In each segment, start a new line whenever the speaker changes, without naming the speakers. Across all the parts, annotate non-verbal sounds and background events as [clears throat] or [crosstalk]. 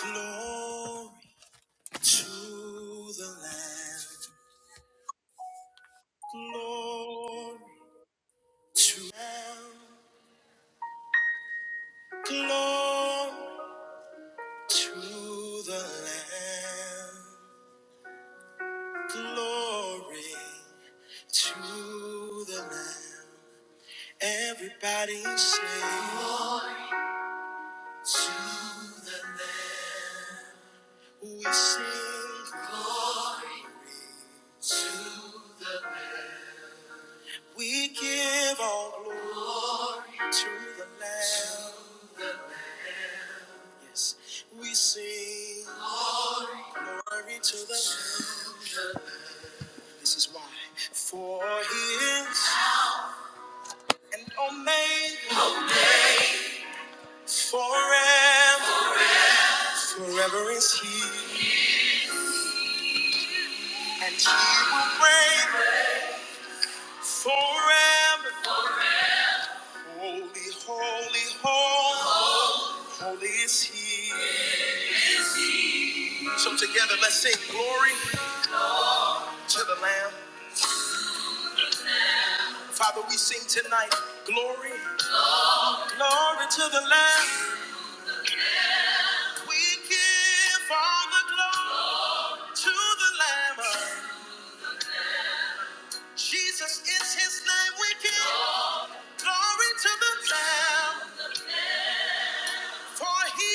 Glory to the Lamb. Glory to the Lamb. Glory to the Lamb. Glory to the Lamb. Everybody say Glory to the Lamb. We sing to the We give all glory to the Lamb. Yes, we sing glory to the Lamb. This is why. For he is an omega forever. Forever is he. And he will reign forever. Holy, holy, holy. Holy is he. So together let's sing glory to the Lamb. Father, we sing tonight glory, glory to the Lamb. We give all the glory. to the Lamb. of- Jesus is his name we give. Glory to the Lamb. For he,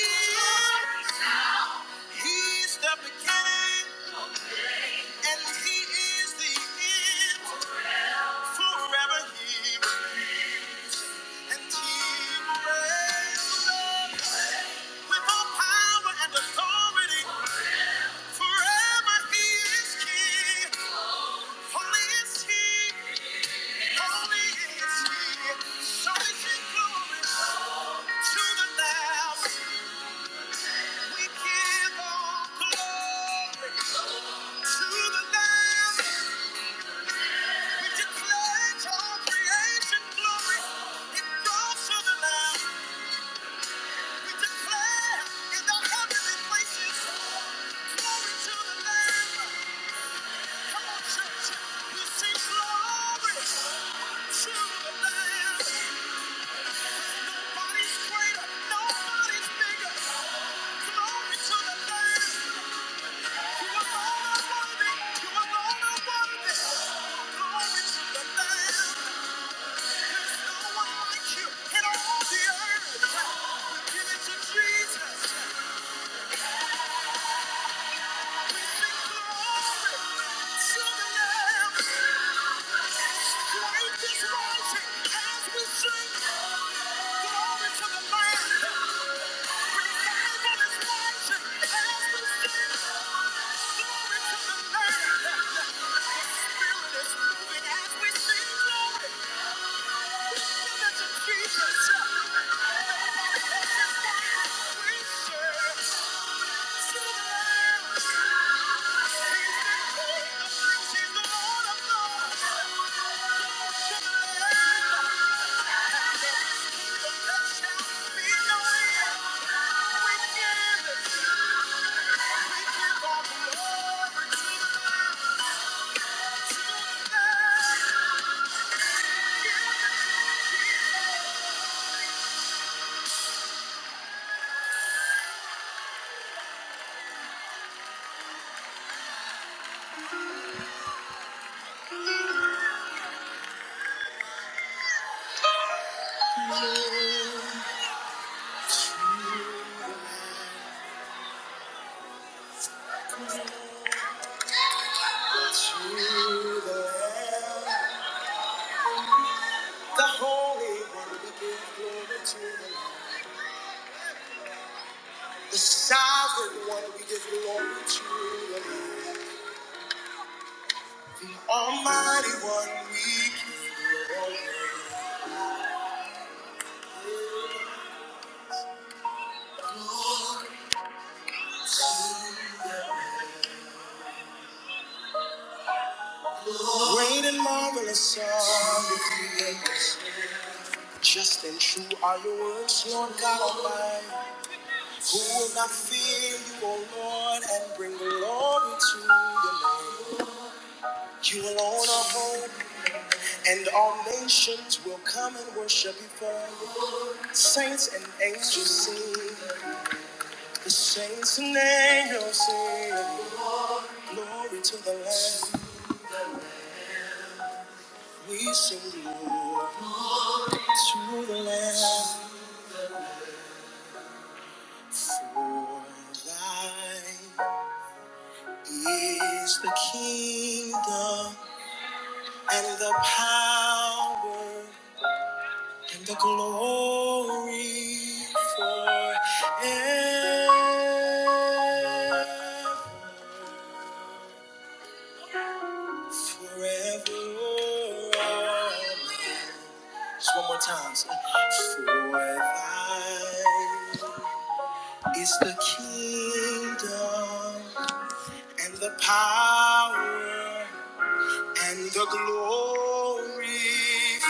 he's the beginning and he is the end. Forever he and he reigns with all power and authority. Forever he is king. Holy is he. Holy is he. So is his glory to the Lamb. We give all glory to the Lamb. We declare all creation glory. It goes to the Lamb. We declare in the heavenly places glory to the Lamb. Come on, church. You sing glory to the Lamb. Nobody's greater. Nobody's bigger. Glory to the Lamb. Jesus. Jesus. To the end. The Holy One, we give glory to the Lord. The Sovereign One, we give glory to the Lord. The Almighty One, we give great and marvelous are your creators. Just and true are your words, Lord God Almighty. Who will not fear you, O Lord, and bring glory to your name? You alone are holy, and all nations will come and worship before you. Saints and angels sing. The saints and angels sing glory to the Lamb. We sing glory to the Lamb. For thine is the kingdom and the power and the glory forever. Forever. Amen. Just one more time. say, For thine is the kingdom and the power and the glory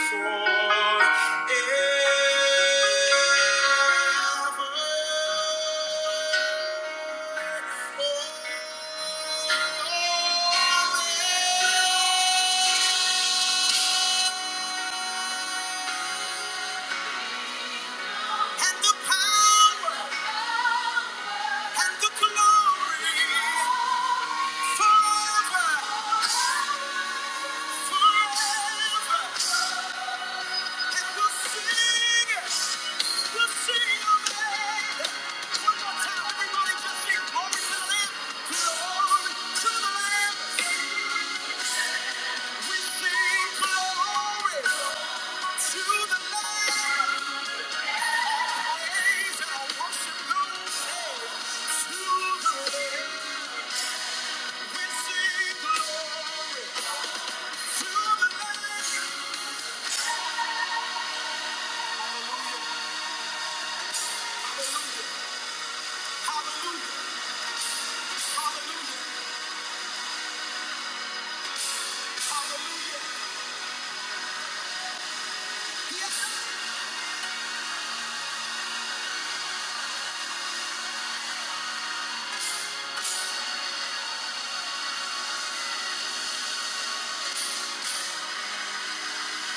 forever. And the power and the glory. Thank you.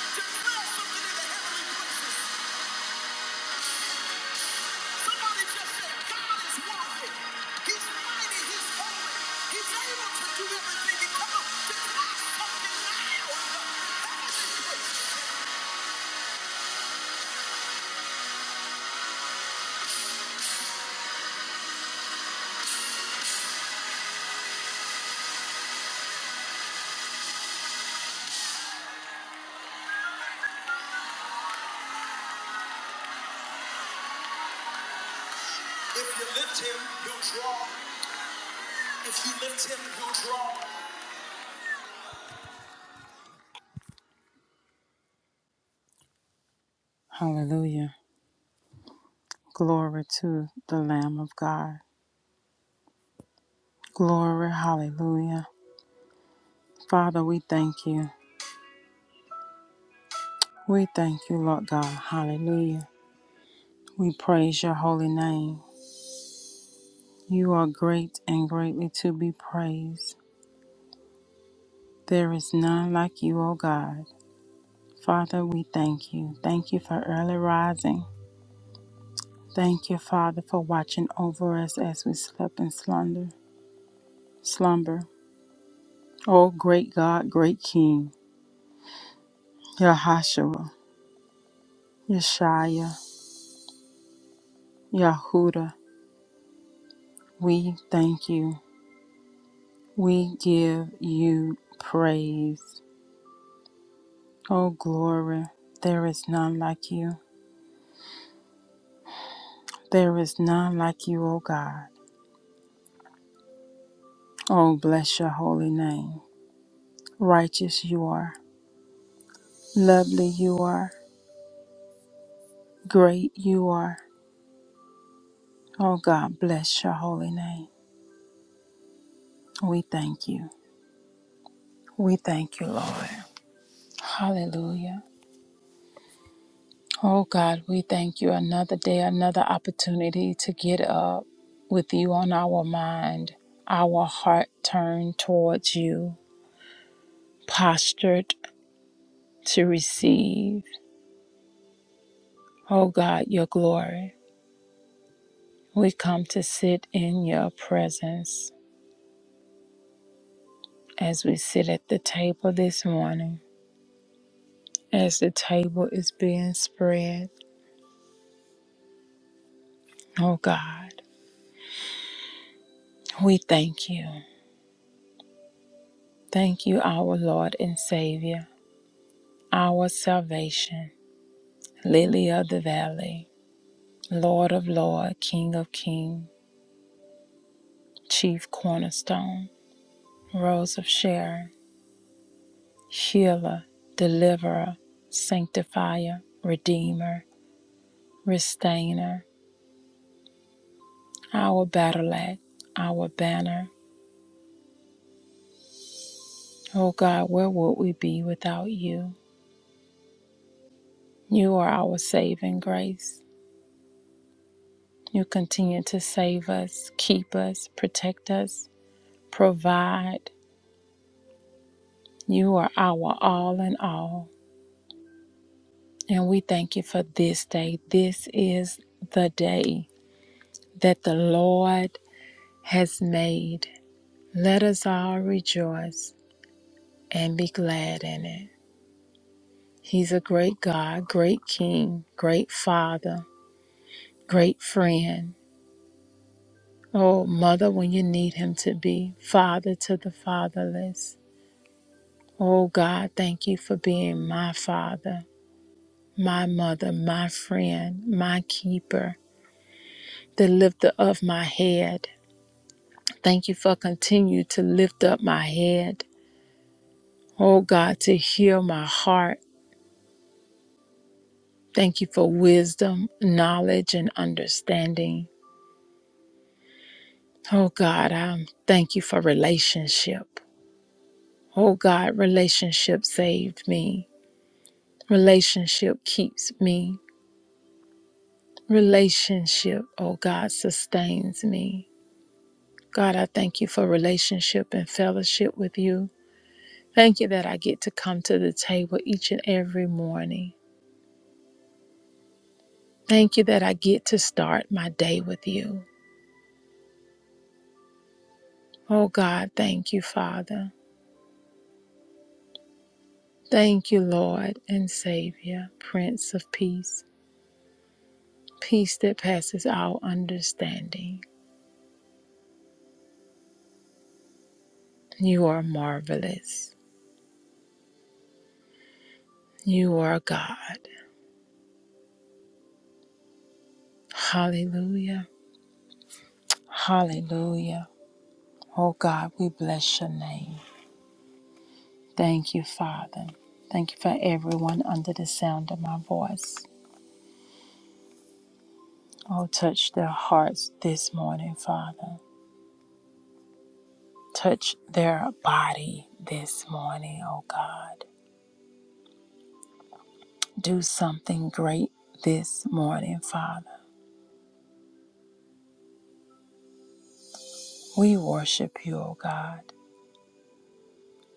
If you lift him, he draw. If you lift him, he draw. Hallelujah. Glory to the Lamb of God. Glory, hallelujah. Father, we thank you. We thank you, Lord God. Hallelujah. We praise your holy name. You are great and greatly to be praised. There is none like you, O God. Father, we thank you. Thank you for early rising. Thank you, Father, for watching over us as we slept in slumber. Slumber. O great God, great King, Yahashua, Yeshaya, Yahuda, we thank you. We give you praise. Oh, glory. There is none like you. There is none like you, O God. Oh, bless your holy name. Righteous you are. Lovely you are. Great you are. Oh, God, bless your holy name. We thank you. We thank you, Lord. Hallelujah. Oh, God, we thank you another day, another opportunity to get up with you on our mind, our heart turned towards you, postured to receive. O God, your glory. We come to sit in your presence as we sit at the table this morning, as the table is being spread. O God, we thank you. Thank you, our Lord and Savior, our salvation, Lily of the Valley, Lord of Lord, King of King, Chief Cornerstone, Rose of Sharon, Healer, Deliverer, Sanctifier, Redeemer, Restainer, our battle axe, our banner. Oh God, where would we be without you? You are our saving grace. You continue to save us, keep us, protect us, provide. You are our all in all. And we thank you for this day. This is the day that the Lord has made. Let us all rejoice and be glad in it. He's a great God, great King, great Father great friend. Oh, mother, when you need him to be, father to the fatherless. Oh, God, thank you for being my father, my mother, my friend, my keeper, the lifter of my head. Thank you for continue to lift up my head. Oh, God, to heal my heart. Thank you for wisdom, knowledge, and understanding. Oh, God, I thank you for relationship. Oh, God, relationship saved me. Relationship keeps me. Relationship, oh God, sustains me. God, I thank you for relationship and fellowship with you. Thank you that I get to come to the table each and every morning. Thank you that I get to start my day with you. Oh God, thank you, Father. Thank you, Lord and Savior, Prince of Peace, peace that passes all understanding. You are marvelous. You are God. Hallelujah. Hallelujah. Oh God, we bless your name. Thank you, Father. Thank you for everyone under the sound of my voice. Oh, touch their hearts this morning, Father. Touch their body this morning, oh God. Do something great this morning, Father. We worship you, oh God.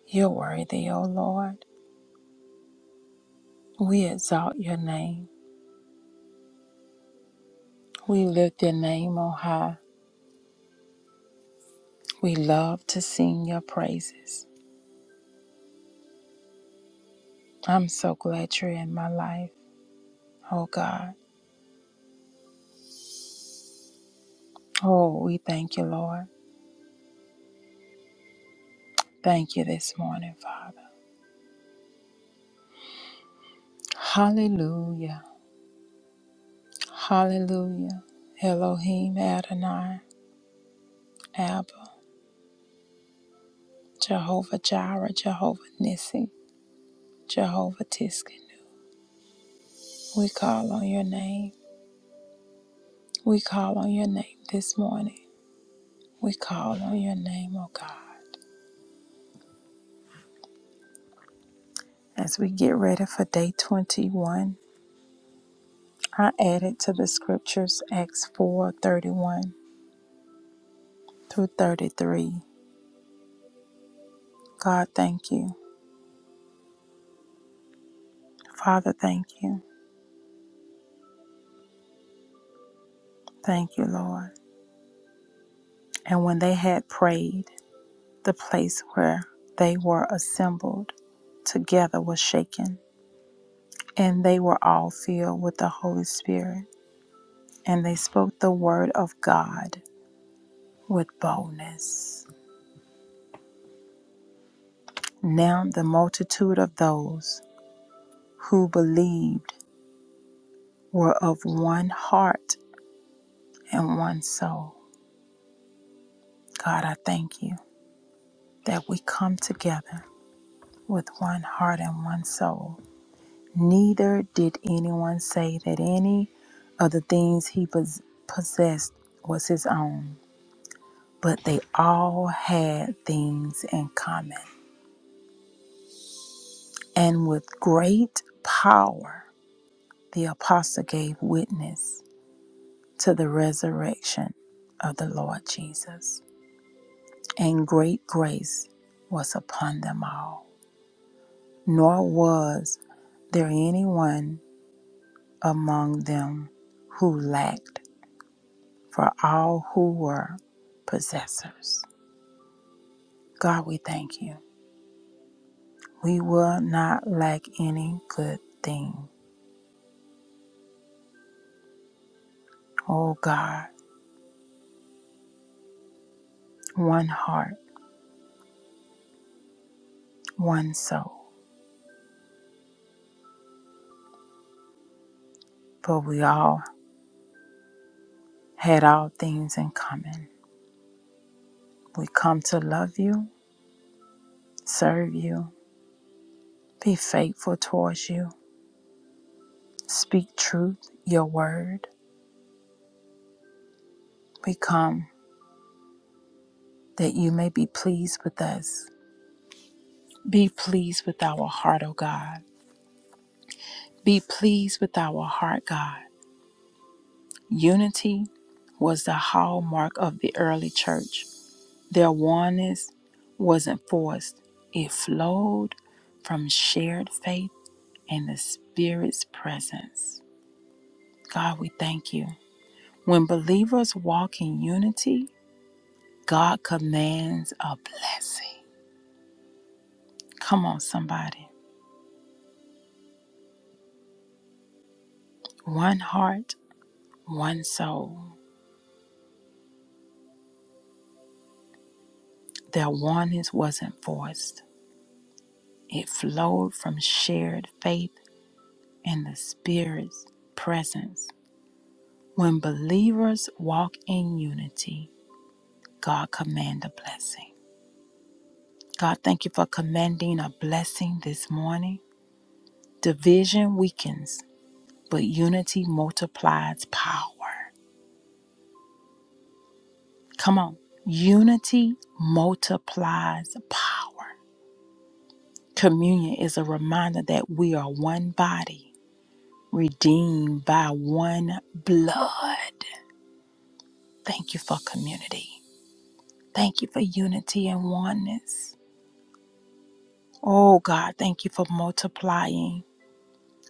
You're worthy, oh Lord. We exalt your name. We lift your name on high. We love to sing your praises. I'm so glad you're in my life, oh God. Oh, we thank you, Lord. Thank you this morning, Father. Hallelujah. Hallelujah. Elohim Adonai, Abba, Jehovah Jireh, Jehovah Nissi, Jehovah Tiskin. We call on your name. We call on your name this morning. We call on your name, oh God. As we get ready for day 21, I added to the scriptures Acts 4:31. through 33. God, thank you. Father, thank you. Thank you, Lord. And when they had prayed, the place where they were assembled together was shaken, and they were all filled with the Holy Spirit, and they spoke the word of God with boldness. Now the multitude of those who believed were of one heart and one soul. God, I thank you that we come together with one heart and one soul. Neither did anyone say that any of the things he pos- possessed was his own, but they all had things in common. And with great power, the apostle gave witness to the resurrection of the Lord Jesus. And great grace was upon them all. Nor was there anyone among them who lacked for all who were possessors. God, we thank you. We will not lack any good thing. Oh God, one heart, one soul, for we all had all things in common. We come to love you, serve you, be faithful towards you, speak truth, your word. We come that you may be pleased with us. Be pleased with our heart, O God. Be pleased with our heart, God. Unity was the hallmark of the early church. Their oneness wasn't forced, it flowed from shared faith and the Spirit's presence. God, we thank you. When believers walk in unity, God commands a blessing. Come on, somebody. One heart, one soul. Their oneness wasn't forced, it flowed from shared faith and the Spirit's presence. When believers walk in unity, God commands a blessing. God, thank you for commanding a blessing this morning. Division weakens, but unity multiplies power. Come on. Unity multiplies power. Communion is a reminder that we are one body, redeemed by one blood. Thank you for community. Thank you for unity and oneness. Oh God, thank you for multiplying.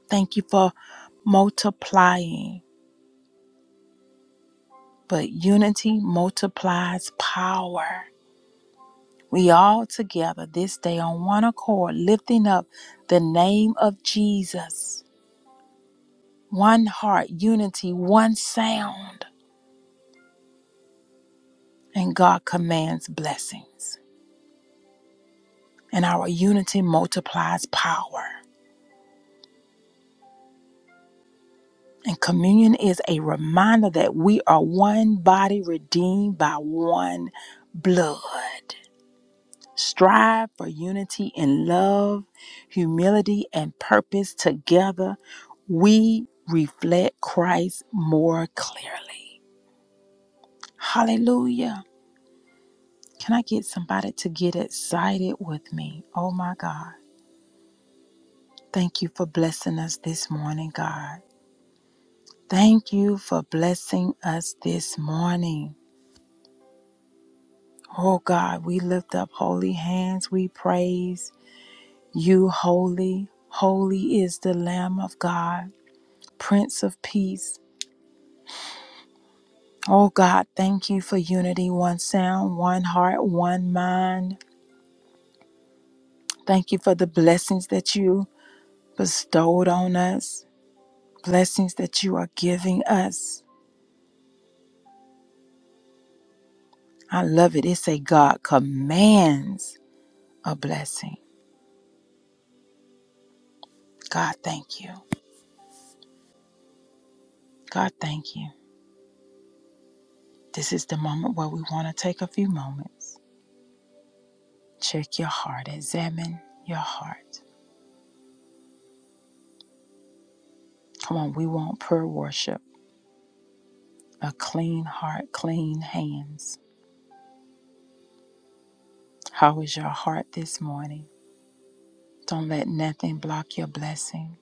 Thank you for multiplying. But unity multiplies power. We all together this day on one accord, lifting up the name of Jesus. One heart, unity, one sound. And God commands blessings. And our unity multiplies power. And communion is a reminder that we are one body redeemed by one blood. Strive for unity in love, humility, and purpose. Together, we reflect Christ more clearly. Hallelujah. Can I get somebody to get excited with me? Oh my God. Thank you for blessing us this morning, God. Thank you for blessing us this morning. Oh God, we lift up holy hands. We praise you, holy. Holy is the Lamb of God. Prince of Peace. Oh God, thank you for unity, one sound, one heart, one mind. Thank you for the blessings that you bestowed on us, blessings that you are giving us. I love it. It say, God commands a blessing. God, thank you. God, thank you. This is the moment where we want to take a few moments. Check your heart, examine your heart. Come on, we want prayer worship, a clean heart, clean hands How is your heart this morning? Don't let nothing block your blessing.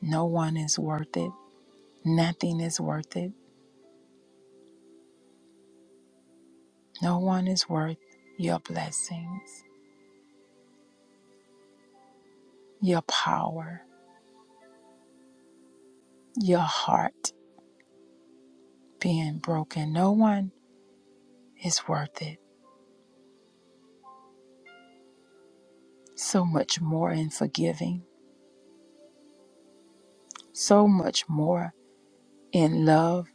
No one is worth it. Nothing is worth it. No one is worth your blessings, your power, your heart being broken. No one is worth it. So much more in forgiving, so much more in love.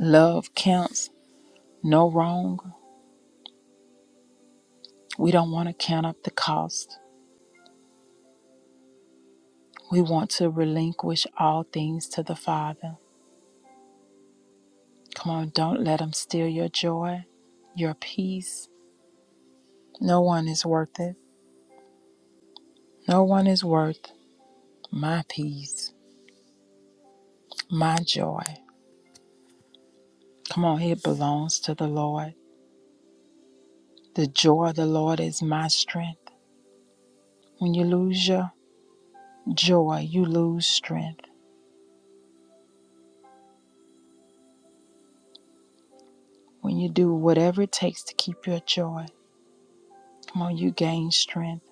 Love counts no wrong. We don't want to count up the cost. We want to relinquish all things to the Father. Come on, don't let them steal your joy, your peace. No one is worth it. No one is worth my peace, my joy. Come on, it belongs to the Lord. The joy of the Lord is my strength. When you lose your joy, you lose strength. When you do whatever it takes to keep your joy, come on, you gain strength.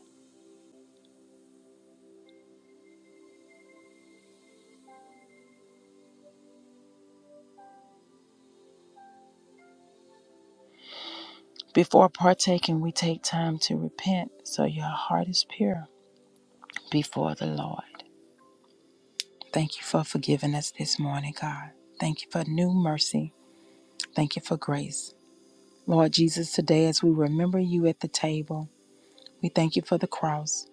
Before partaking, we take time to repent so your heart is pure before the Lord. Thank you for forgiving us this morning, God. Thank you for new mercy. Thank you for grace. Lord Jesus, today as we remember you at the table, we thank you for the cross.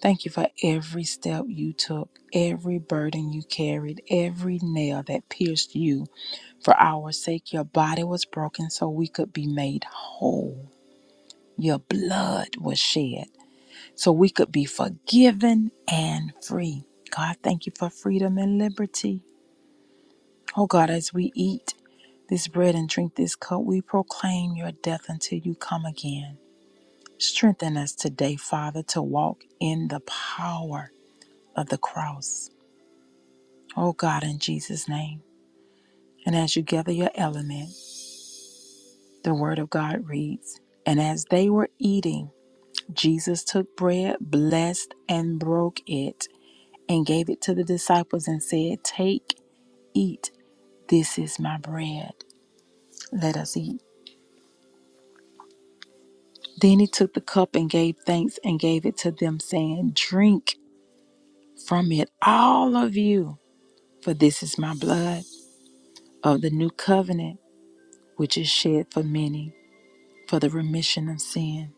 Thank you for every step you took, every burden you carried, every nail that pierced you. For our sake, your body was broken so we could be made whole. Your blood was shed so we could be forgiven and free. God, thank you for freedom and liberty. Oh God, as we eat, this bread and drink this cup, we proclaim your death until you come again. Strengthen us today, Father, to walk in the power of the cross. Oh God, in Jesus' name. And as you gather your element, the word of God reads And as they were eating, Jesus took bread, blessed, and broke it, and gave it to the disciples and said, Take, eat, this is my bread. Let us eat. Then he took the cup and gave thanks and gave it to them, saying, Drink from it, all of you, for this is my blood of the new covenant, which is shed for many for the remission of sin.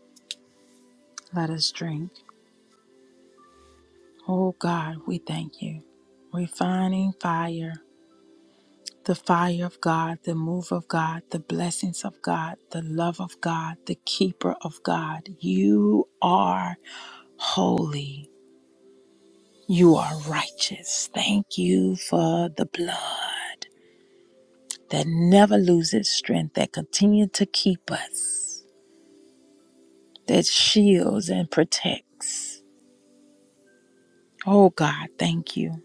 Let us drink. Oh God, we thank you. Refining fire, the fire of God, the move of God, the blessings of God, the love of God, the keeper of God. You are holy. You are righteous. Thank you for the blood that never loses strength, that continues to keep us, that shields and protects. Oh God, thank you.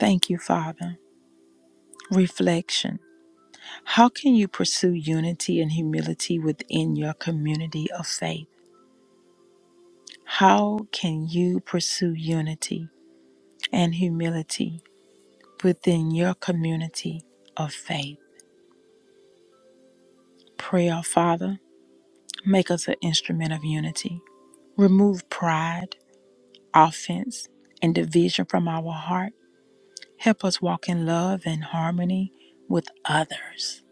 Thank you, Father. Reflection How can you pursue unity and humility within your community of faith? How can you pursue unity and humility within your community of faith? Prayer, Father. Make us an instrument of unity. Remove pride, offense, and division from our heart. Help us walk in love and harmony with others.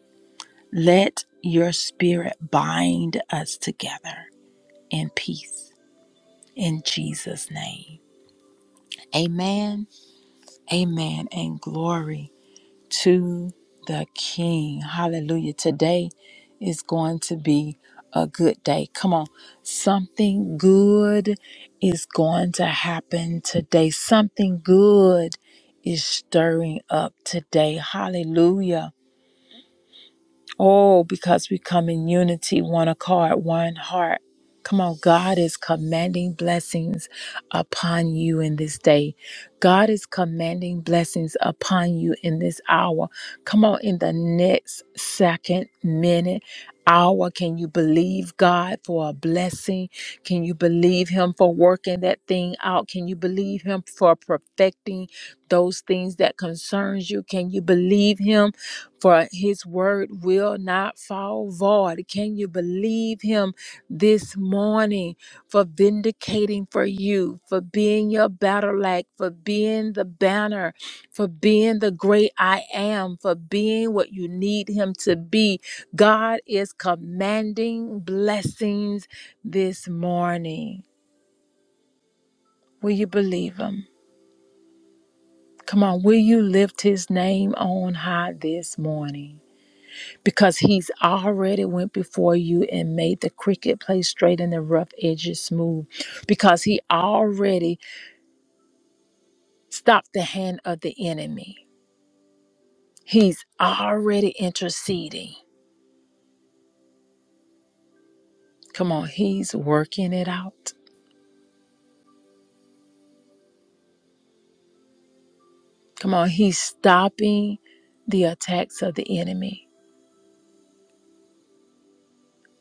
Let your spirit bind us together in peace. In Jesus' name. Amen, amen, and glory. to the King. Hallelujah. Today is going to be a good day. Come on. Something good is going to happen today. Something good is stirring up today. Hallelujah. Oh, because we come in unity, one accord, one heart. Come on, God is commanding blessings upon you in this day. God is commanding blessings upon you in this hour. Come on, in the next second, minute, hour, can you believe God for a blessing? Can you believe Him for working that thing out? Can you believe Him for perfecting those things that concerns you? Can you believe Him? for his word will not fall void. Can you believe him this morning for vindicating for you, for being your battle lag, for being the banner, for being the great I am, for being what you need him to be? God is commanding blessings this morning. Will you believe him? Come on, will you lift his name on high this morning? because he's already went before you and made the cricket play straight and the rough edges smooth because he already stopped the hand of the enemy he's already interceding come on he's working it out come on he's stopping the attacks of the enemy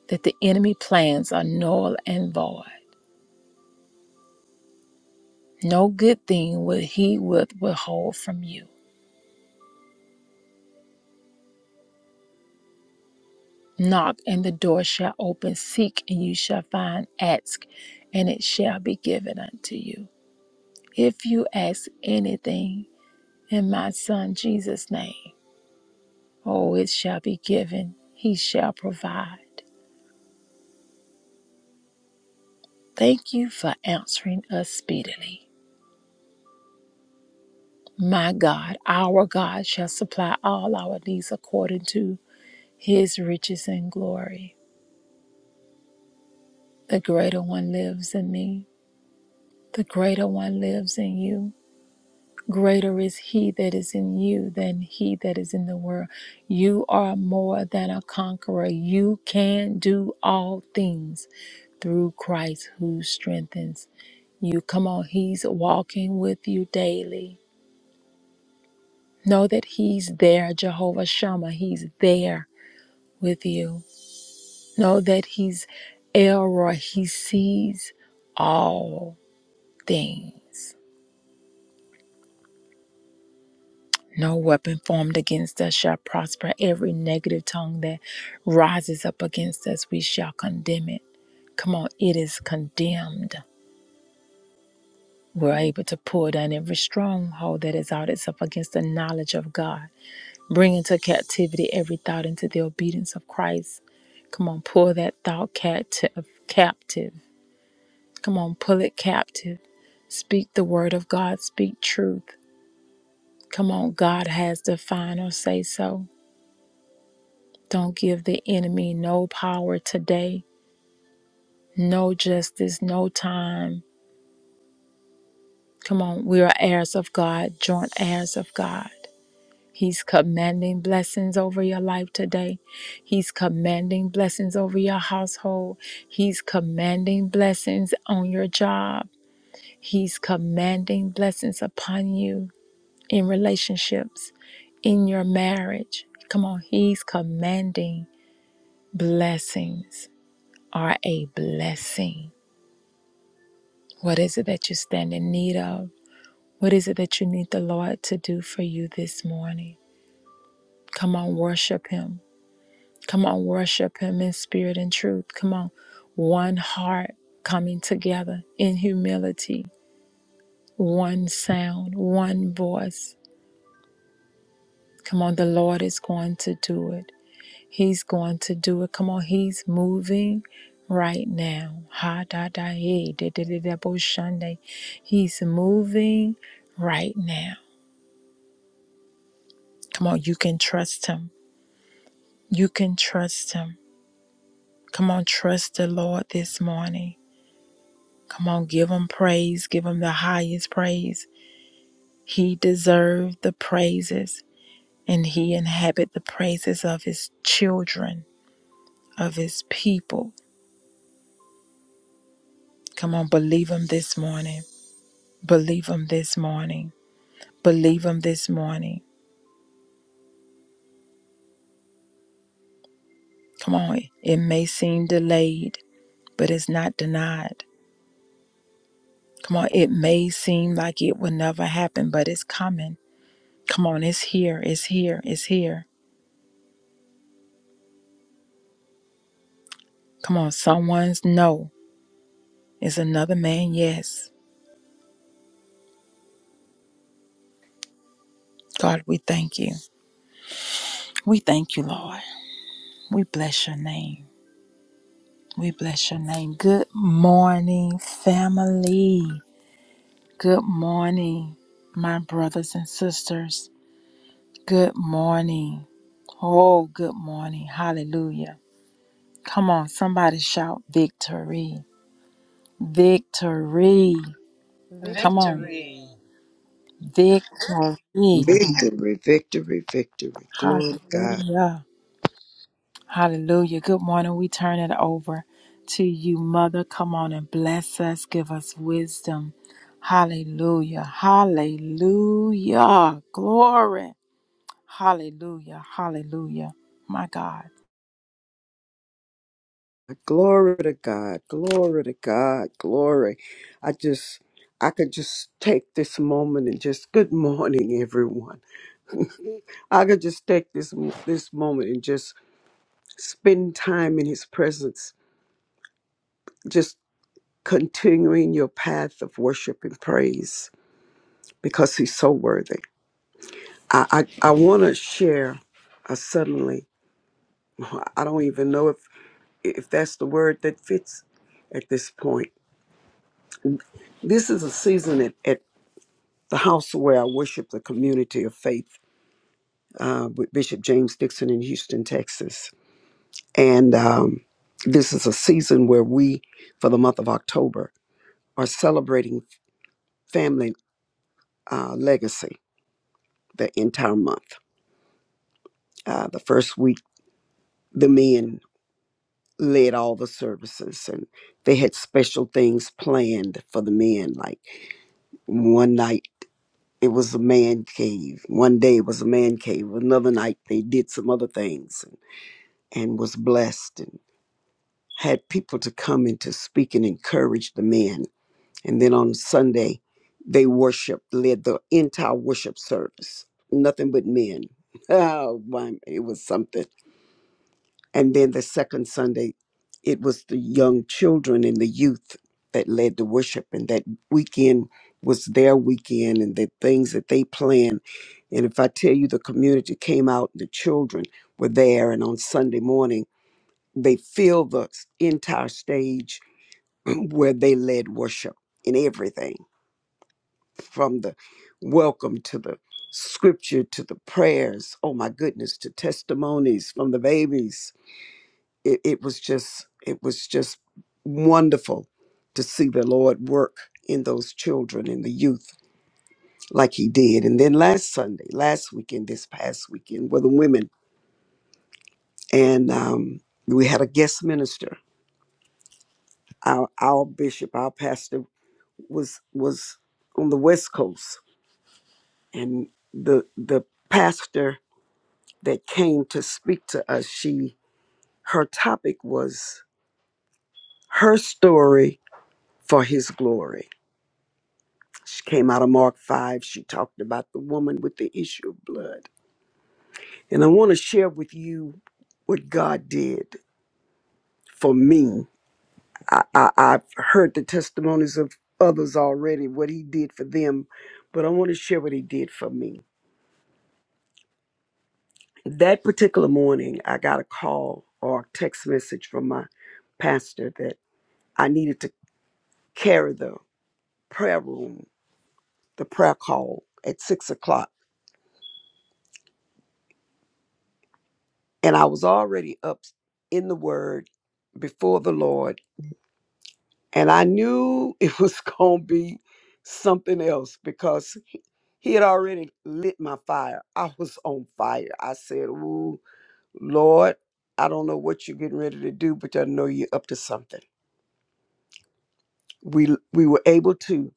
that the enemy plans are null and void no good thing will he with withhold from you Knock, and the door shall open. Seek, and you shall find. Ask, and it shall be given unto you. If you ask anything in my Son Jesus' name, oh, it shall be given. He shall provide. Thank you for answering us speedily. My God, our God shall supply all our needs according to his riches and glory. The greater one lives in me, the greater one lives in you. Greater is he that is in you than he that is in the world. You are more than a conqueror. You can do all things through Christ who strengthens you. Come on, he's walking with you daily. Know that he's there, Jehovah Shammah. He's there with you. Know that he's El Elroy. He sees all things. No weapon formed against us shall prosper. Every negative tongue that rises up against us, we shall condemn it. Come on, it is condemned. We're able to pull down every stronghold that has out itself against the knowledge of God. Bring into captivity every thought into the obedience of Christ. Come on, pull that thought captive. captive. Come on, pull it captive. Speak the word of God. Speak truth. Come on, God has the final say so. Don't give the enemy no power today, no justice, no time. Come on, we are heirs of God, joint heirs of God. He's commanding blessings over your life today. He's commanding blessings over your household. He's commanding blessings on your job. He's commanding blessings upon you in relationships, in your marriage. Come on, He's commanding blessings are a blessing. What is it that you stand in need of? What is it that you need the Lord to do for you this morning? Come on, worship Him. Come on, worship Him in spirit and truth. Come on, one heart coming together in humility, one sound, one voice. Come on, the Lord is going to do it. He's going to do it. Come on, He's moving right now. Ha da da hey, da da da da bo shande. He's moving right now. Come on, you can trust Him. You can trust Him. Come on, trust the Lord this morning. Come on, give Him praise. Give Him the highest praise. He deserved the praises, and He inhabit the praises of His children, of His people. Come on, believe Him this morning. Believe Him this morning. Believe Him this morning. Come on, it may seem delayed, but it's not denied. Come on, it may seem like it will never happen, but it's coming. Come on, it's here, it's here, it's here. Come on, someone's no is another man, yes. God, we thank you. We thank you, Lord. We bless your name. We bless your name. Good morning, family. Good morning, my brothers and sisters. Good morning. Oh, good morning. Hallelujah. Come on, somebody shout victory. Victory. Come on. Victory.
Victory.
Victory.
Victory, victory, victory. Glory to God.
Hallelujah. Hallelujah. Good morning. We turn it over to you, Mother. Come on and bless us. Give us wisdom. Hallelujah. Hallelujah. Glory. Hallelujah. Hallelujah. My God.
Glory to God. Glory to God. Glory. I just, I could just take this moment and just, good morning, everyone. I could just take this, this moment and just spend time in His presence, just continuing your path of worship and praise because He's so worthy. I, I, I want to share. I suddenly, [laughs] I don't even know if if that's the word that fits at this point. This is a season at, at the house where I worship the community of faith uh, with Bishop James Dixon in Houston, Texas. And um, this is a season where we, for the month of October, are celebrating family uh, legacy the entire month. Uh, the first week, the men led all the services and they had special things planned for the men like one night. It was a man cave. One day it was a man cave. Another night they did some other things and, and was blessed and had people to come and to speak and encourage the men. And then on Sunday, they worshiped, led the entire worship service. Nothing but men. [laughs] Oh, my, it was something. And then the second Sunday, it was the young children and the youth that led the worship. And that weekend was their weekend and the things that they planned. And if I tell you, the community came out, the children were there. And on Sunday morning, they filled the s- entire stage [clears throat] where they led worship in everything from the welcome to the scripture to the prayers. Oh my goodness, to testimonies from the babies it, it was just it was just wonderful to see the lord work in those children and the youth like he did and then last sunday last weekend this past weekend were the women and um, we had a guest minister our, our bishop our pastor was was on the west coast and the the pastor that came to speak to us she her topic was her story for his glory She came out of Mark 5. She talked about the woman with the issue of blood. And I want to share with you what God did for me. I, I, I've heard the testimonies of others already, what He did for them, but I want to share what He did for me. That particular morning, I got a call or a text message from my pastor that I needed to carry the prayer room, the prayer call at six o'clock. And I was already up in the Word before the Lord. And I knew it was [laughs] going to be something else because he had already lit my fire. I was on fire. I said, Ooh, Lord, I don't know what you're getting ready to do, but I know you're up to something. We, we were able to,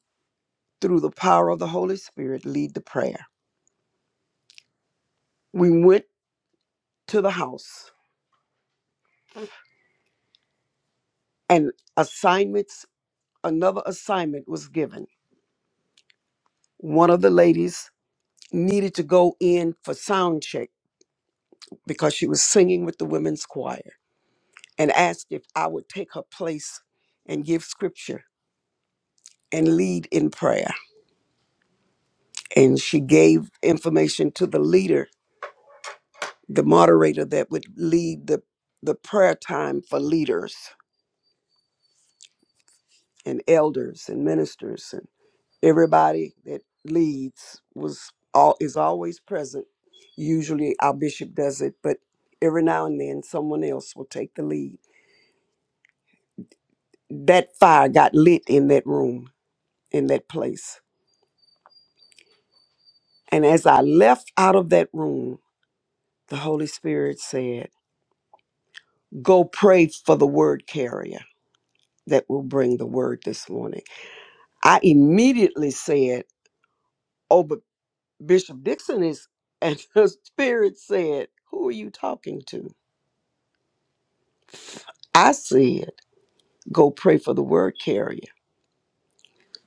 through the power of the Holy Spirit, lead the prayer. We went to the house and assignments, another assignment was given. One of the ladies needed to go in for sound check because she was singing with the women's choir and asked if I would take her place and give scripture and lead in prayer. And she gave information to the leader, the moderator that would lead the, the prayer time for leaders and elders and ministers and everybody that leads was all is always present. Usually our bishop does it, but every now and then someone else will take the lead. That fire got lit in that room, in that place And as I left out of that room, the Holy Spirit said, Go pray for the word carrier that will bring the word this morning. I immediately said, Oh, but Bishop Dixon is, and [laughs] the Spirit said, Who are you talking to? I said, Go pray for the word carrier.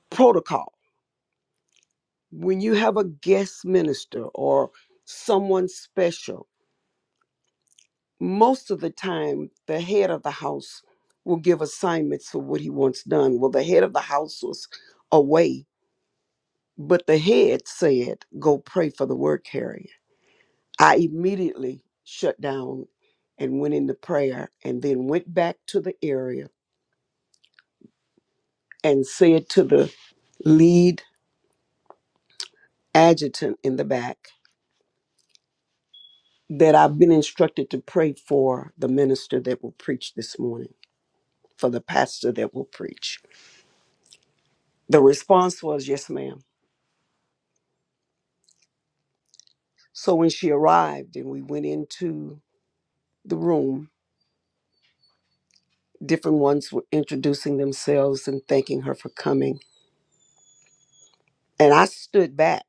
Protocol. When you have a guest minister or someone special, most of the time the head of the house will give assignments for what he wants done well the head of the house was away but the head said go pray for the word carrier i immediately shut down and went into prayer and then went back to the area and said to the lead adjutant in the back that i've been instructed to pray for the minister that will preach this morning for the pastor that will preach the response was yes ma'am So when she arrived and we went into the room, different ones were introducing themselves and thanking her for coming. And I stood back.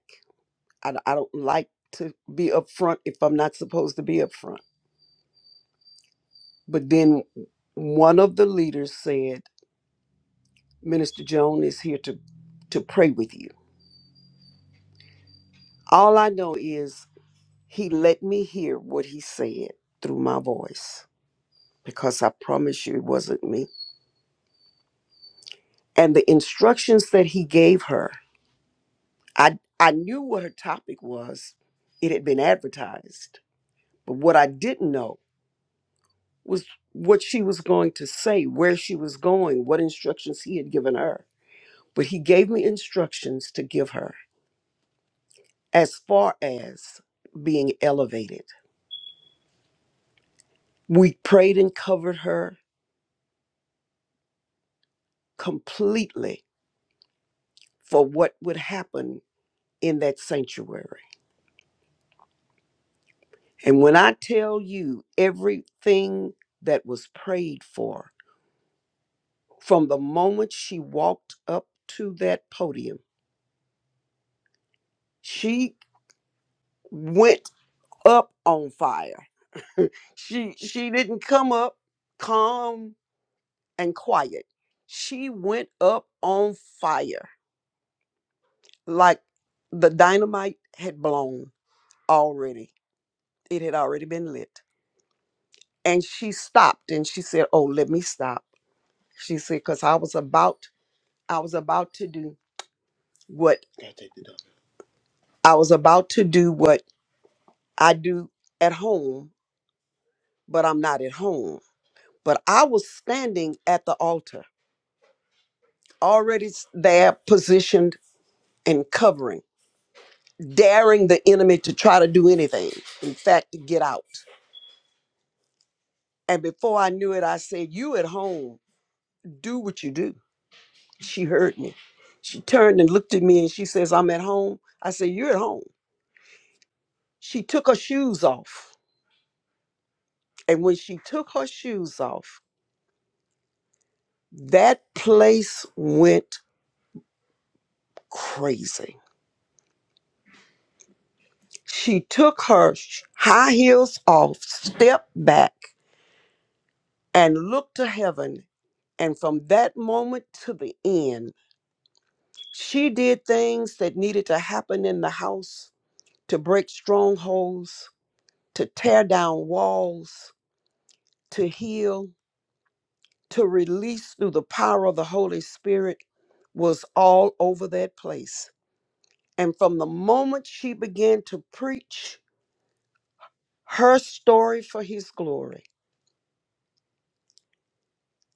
I, I don't like to be up front if I'm not supposed to be up front. But then one of the leaders said, Minister Joan is here to, to pray with you. All I know is he let me hear what he said through my voice because I promise you it wasn't me. And the instructions that he gave her I I knew what her topic was. It had been advertised. But what I didn't know was what she was going to say, where she was going, what instructions he had given her. But he gave me instructions to give her as far as being elevated. We prayed and covered her completely for what would happen in that sanctuary. And when I tell you everything that was prayed for, from the moment she walked up to that podium. She went up on fire. She she didn't come up calm and quiet. She went up on fire like the dynamite had blown already. It had already been lit. And she stopped and she said, "Oh, let me stop." She said cuz I was about I was about to do what I was about to do what I do at home but I'm not at home. But I was standing at the altar, already s- there, positioned and covering, daring the enemy to try to do anything. In fact, to get out. And before I knew it, I said, You at home, do what you do. She heard me. She turned and looked at me and she says, I'm at home. I said, You're at home. She took her shoes off. And when she took her shoes off, that place went crazy She took her sh- high heels off, stepped back, and looked to heaven. And from that moment to the end, she did things that needed to happen in the house to break strongholds, to tear down walls, to heal, to release through the power of the Holy Spirit was all over that place. And from the moment she began to preach her story for his glory,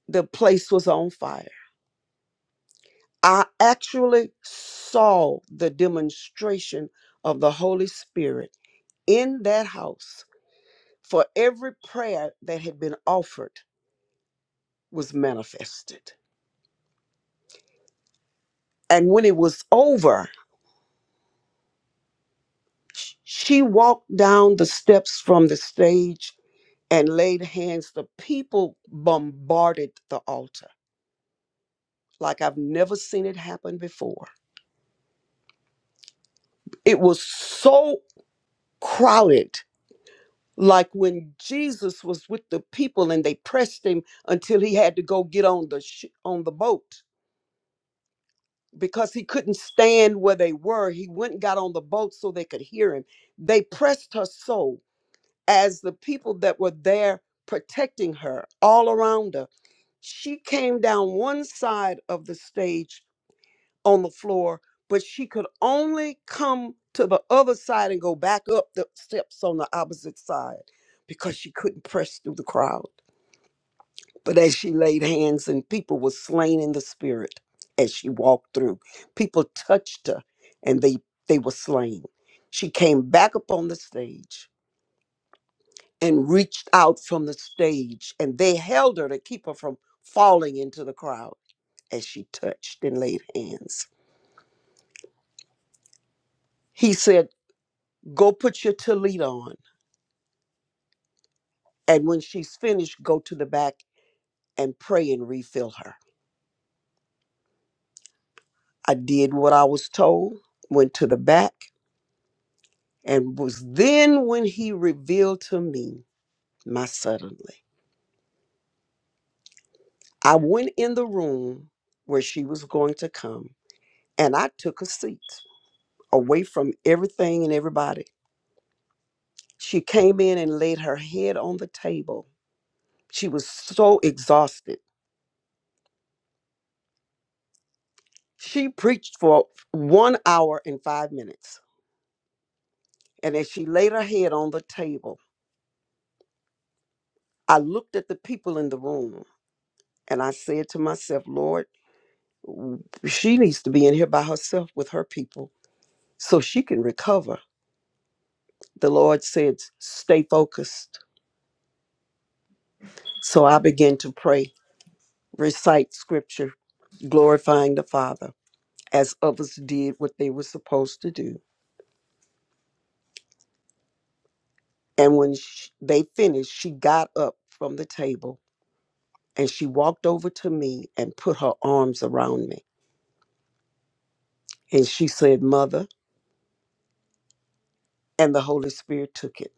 the place was on fire. I actually saw the demonstration of the Holy Spirit in that house for every prayer that had been offered was manifested. And when it was over, sh- she walked down the steps from the stage and laid hands. The people bombarded the altar like I've never seen it happen before. It was so crowded like when Jesus was with the people and they pressed him until he had to go get on the sh- on the boat because he couldn't stand where they were. He went and got on the boat so they could hear him. They pressed her so as the people that were there protecting her all around her. She came down one side of the stage on the floor, but she could only come to the other side and go back up the steps on the opposite side because she couldn't press through the crowd. But as she laid hands and people were slain in the spirit as she walked through, people touched her and they they were slain. She came back up on the stage and reached out from the stage and they held her to keep her from falling into the crowd as she touched and laid hands. He said Go put your tallit on. And when she's finished, go to the back and pray and refill her. I did what I was told, went to the back, and was then when he revealed to me my suddenly. I went in the room where she was going to come, and I took a seat away from everything and everybody. She came in and laid her head on the table. She was so exhausted. She preached for one hour and five minutes And as she laid her head on the table, I looked at the people in the room and I said to myself, Lord, she needs to be in here by herself with her people so she can recover. The Lord said, stay focused. So I began to pray, recite scripture, glorifying the Father as others did what they were supposed to do. And when sh they finished, she got up from the table and she walked over to me and put her arms around me. And she said, Mother, and the Holy Spirit took it.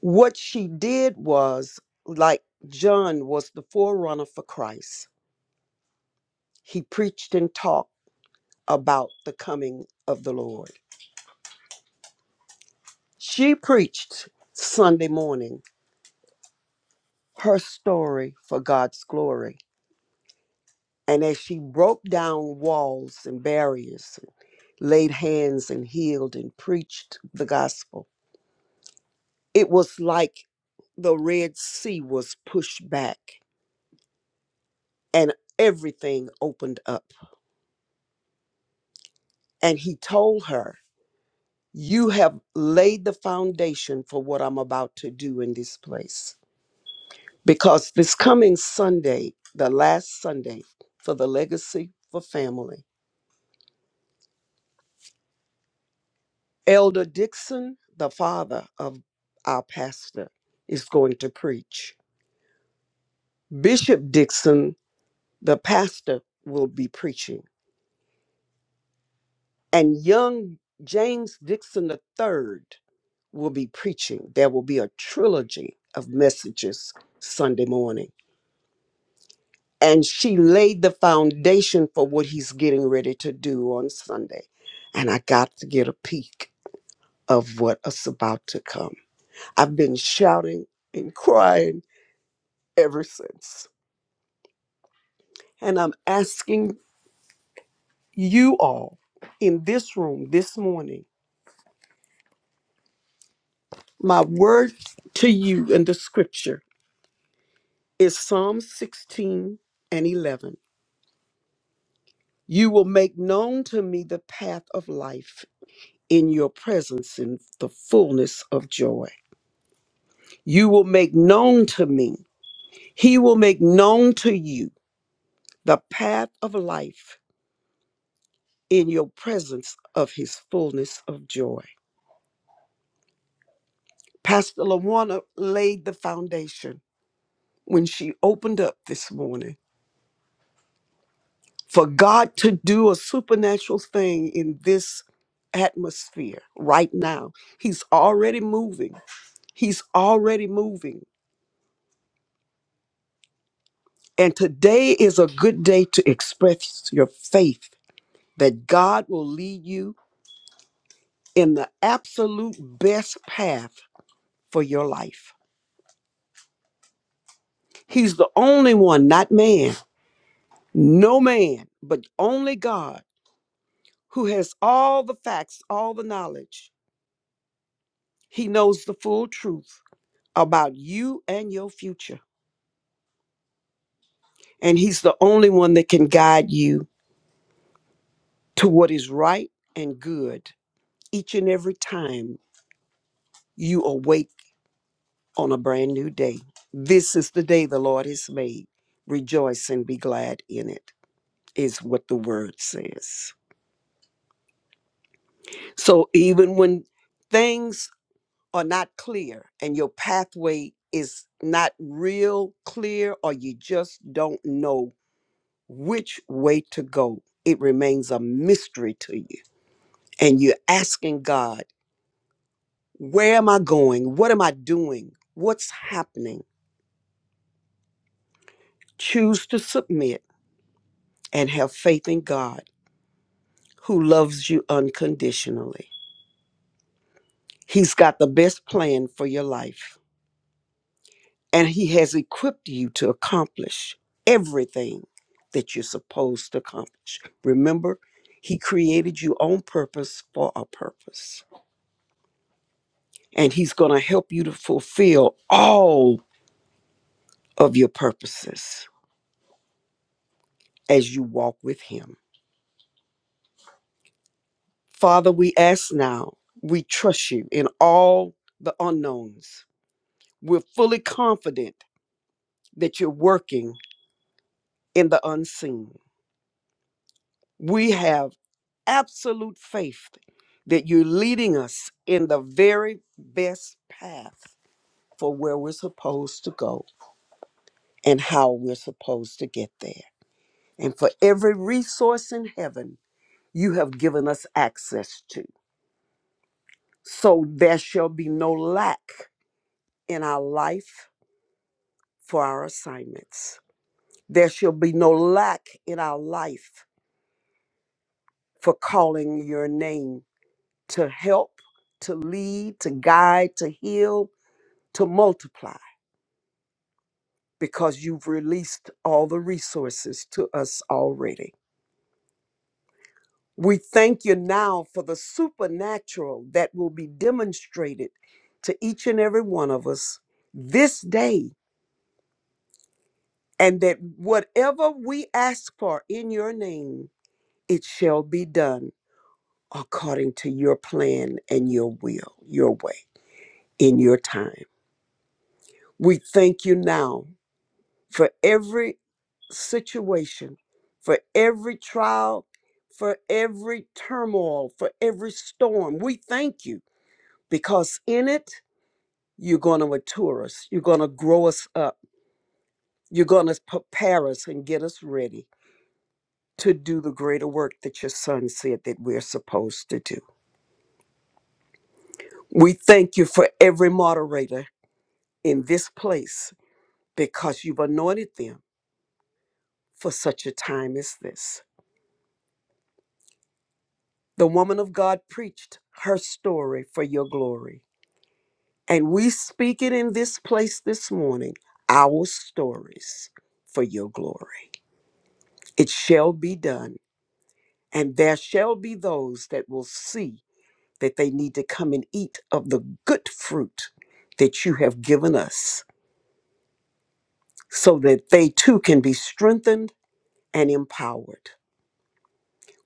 What she did was, like John was the forerunner for Christ, he preached and talked about the coming of the Lord. She preached Sunday morning her story for God's glory. And as she broke down walls and barriers, laid hands and healed and preached the gospel, it was like the Red Sea was pushed back and everything opened up. And he told her, You have laid the foundation for what I'm about to do in this place. Because this coming Sunday, the last Sunday for the Legacy for Family, Elder Dixon, the father of our pastor, is going to preach. Bishop Dixon, the pastor, will be preaching. And young James Dixon III will be preaching. There will be a trilogy of messages Sunday morning. and she laid the foundation for what he's getting ready to do on Sunday. And I got to get a peek of what is about to come. I've been shouting and crying ever since. And I'm asking you all in this room this morning, my word to you in the scripture is Psalm 16 and 11. You will make known to me the path of life. In your presence, in the fullness of joy. You will make known to me. He will make known to you the path of life in your presence of his fullness of joy. Pastor LaWanna laid the foundation when she opened up this morning for God to do a supernatural thing in this atmosphere right now. He's already moving. He's already moving. And today is a good day to express your faith that God will lead you in the absolute best path for your life. He's the only one, not man, no man, but only God who has all the facts, all the knowledge. He knows the full truth about you and your future. And He's the only one that can guide you to what is right and good each and every time you awake on a brand new day. This is the day the Lord has made. Rejoice and be glad in it. is what the word says. So even when things are not clear and your pathway is not real clear or you just don't know which way to go, it remains a mystery to you. And you're asking God, where am I going? What am I doing? What's happening? Choose to submit and have faith in God who loves you unconditionally. He's got the best plan for your life and he has equipped you to accomplish everything that you're supposed to accomplish. Remember, he created you on purpose for a purpose, and he's going to help you to fulfill all of your purposes as you walk with him. Father, we ask now, we trust you in all the unknowns. We're fully confident that you're working in the unseen. We have absolute faith that you're leading us in the very best path for where we're supposed to go and how we're supposed to get there. And for every resource in heaven, you have given us access to. So there shall be no lack in our life for our assignments. There shall be no lack in our life for calling your name to help, to lead, to guide, to heal, to multiply. because you've released all the resources to us already. We thank you now for the supernatural that will be demonstrated to each and every one of us this day, and that whatever we ask for in your name, it shall be done according to your plan and your will, your way, in your time. We thank you now for every situation, for every trial, for every turmoil, for every storm. We thank you because in it, you're going to mature us, you're going to grow us up, you're going to prepare us and get us ready to do the greater work that your son said that we're supposed to do. We thank you for every moderator in this place because you've anointed them for such a time as this. The woman of God preached her story for your glory. And we speak it in this place this morning our stories for your glory. It shall be done. And there shall be those that will see that they need to come and eat of the good fruit that you have given us so that they too can be strengthened and empowered.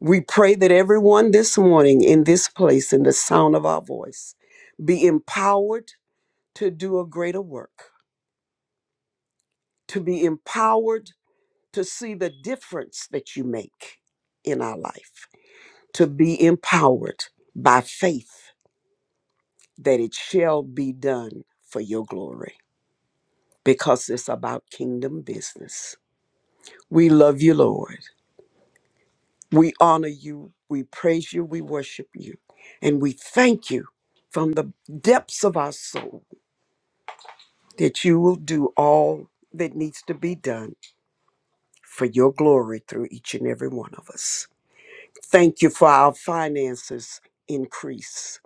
We pray that everyone this morning in this place, in the sound of our voice, be empowered to do a greater work, to be empowered to see the difference that you make in our life, to be empowered by faith that it shall be done for your glory, because it's about kingdom business. We love you, Lord. We honor you. We praise you. We worship you. And we thank you from the depths of our soul that you will do all that needs to be done for your glory through each and every one of us. Thank you for our finances increase.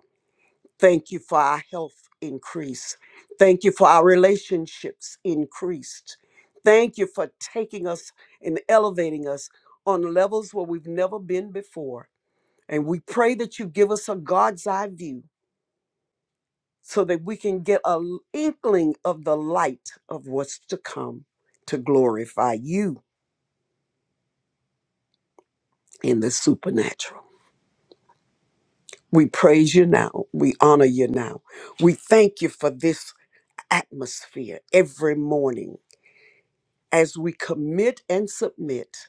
Thank you for our health increase. Thank you for our relationships increased. Thank you for taking us and elevating us on levels where we've never been before. And we pray that you give us a God's eye view so that we can get an inkling of the light of what's to come to glorify you in the supernatural. We praise you now. We honor you now. We thank you for this atmosphere every morning as we commit and submit.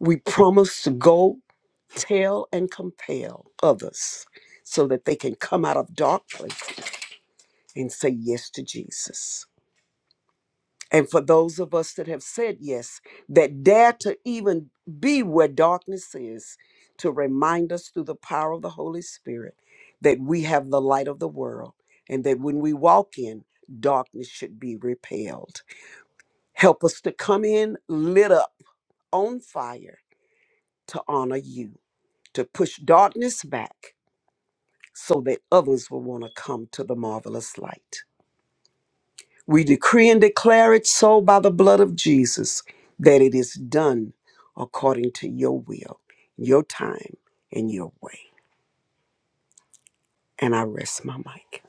We promise to go tell and compel others so that they can come out of dark place and say yes to Jesus. And for those of us that have said yes, that dare to even be where darkness is, to remind us through the power of the Holy Spirit that we have the light of the world and that when we walk in, darkness should be repelled. Help us to come in lit up on fire to honor you, to push darkness back so that others will want to come to the marvelous light. We decree and declare it so by the blood of Jesus that it is done according to your will, your time, and your way. And I rest my mic.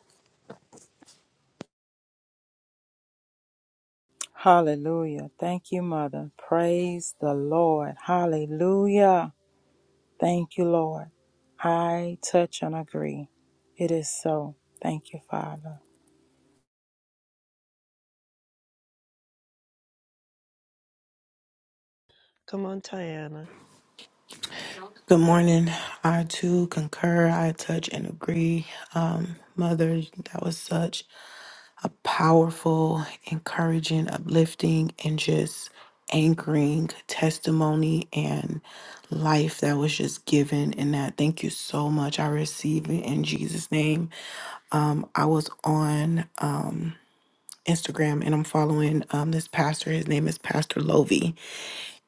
Hallelujah. Thank you, Mother. Praise the Lord. Hallelujah. Thank you, Lord. I touch and agree. It is so. Thank you, Father.
Good morning. I too concur. I touch and agree. Um, Mother, that was such a powerful, encouraging, uplifting, and just anchoring testimony and life that was just given in that. Thank you so much. I receive it in Jesus' name. Um, I was on um, Instagram and I'm following um, this pastor. His name is Pastor Lovey,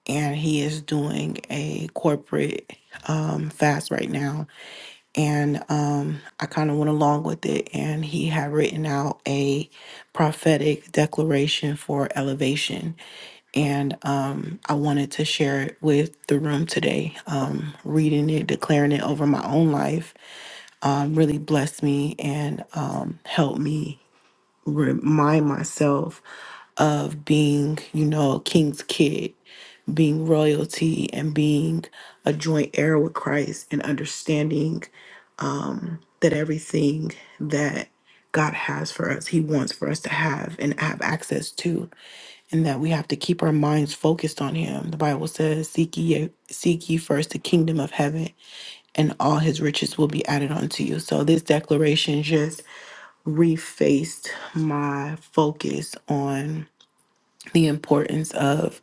and he is doing a corporate um, fast right now and um, I kind of went along with it. And he had written out a prophetic declaration for elevation, and um, I wanted to share it with the room today. Um, reading it, declaring it over my own life, um, really blessed me and um, helped me remind myself of being, you know, a king's kid, being royalty, and being a joint heir with Christ, and understanding um, that everything that God has for us, He wants for us to have and have access to, and that we have to keep our minds focused on Him. The Bible says, "Seek ye, seek ye first the kingdom of heaven, and all His riches will be added unto you." So this declaration just refaced my focus on the importance of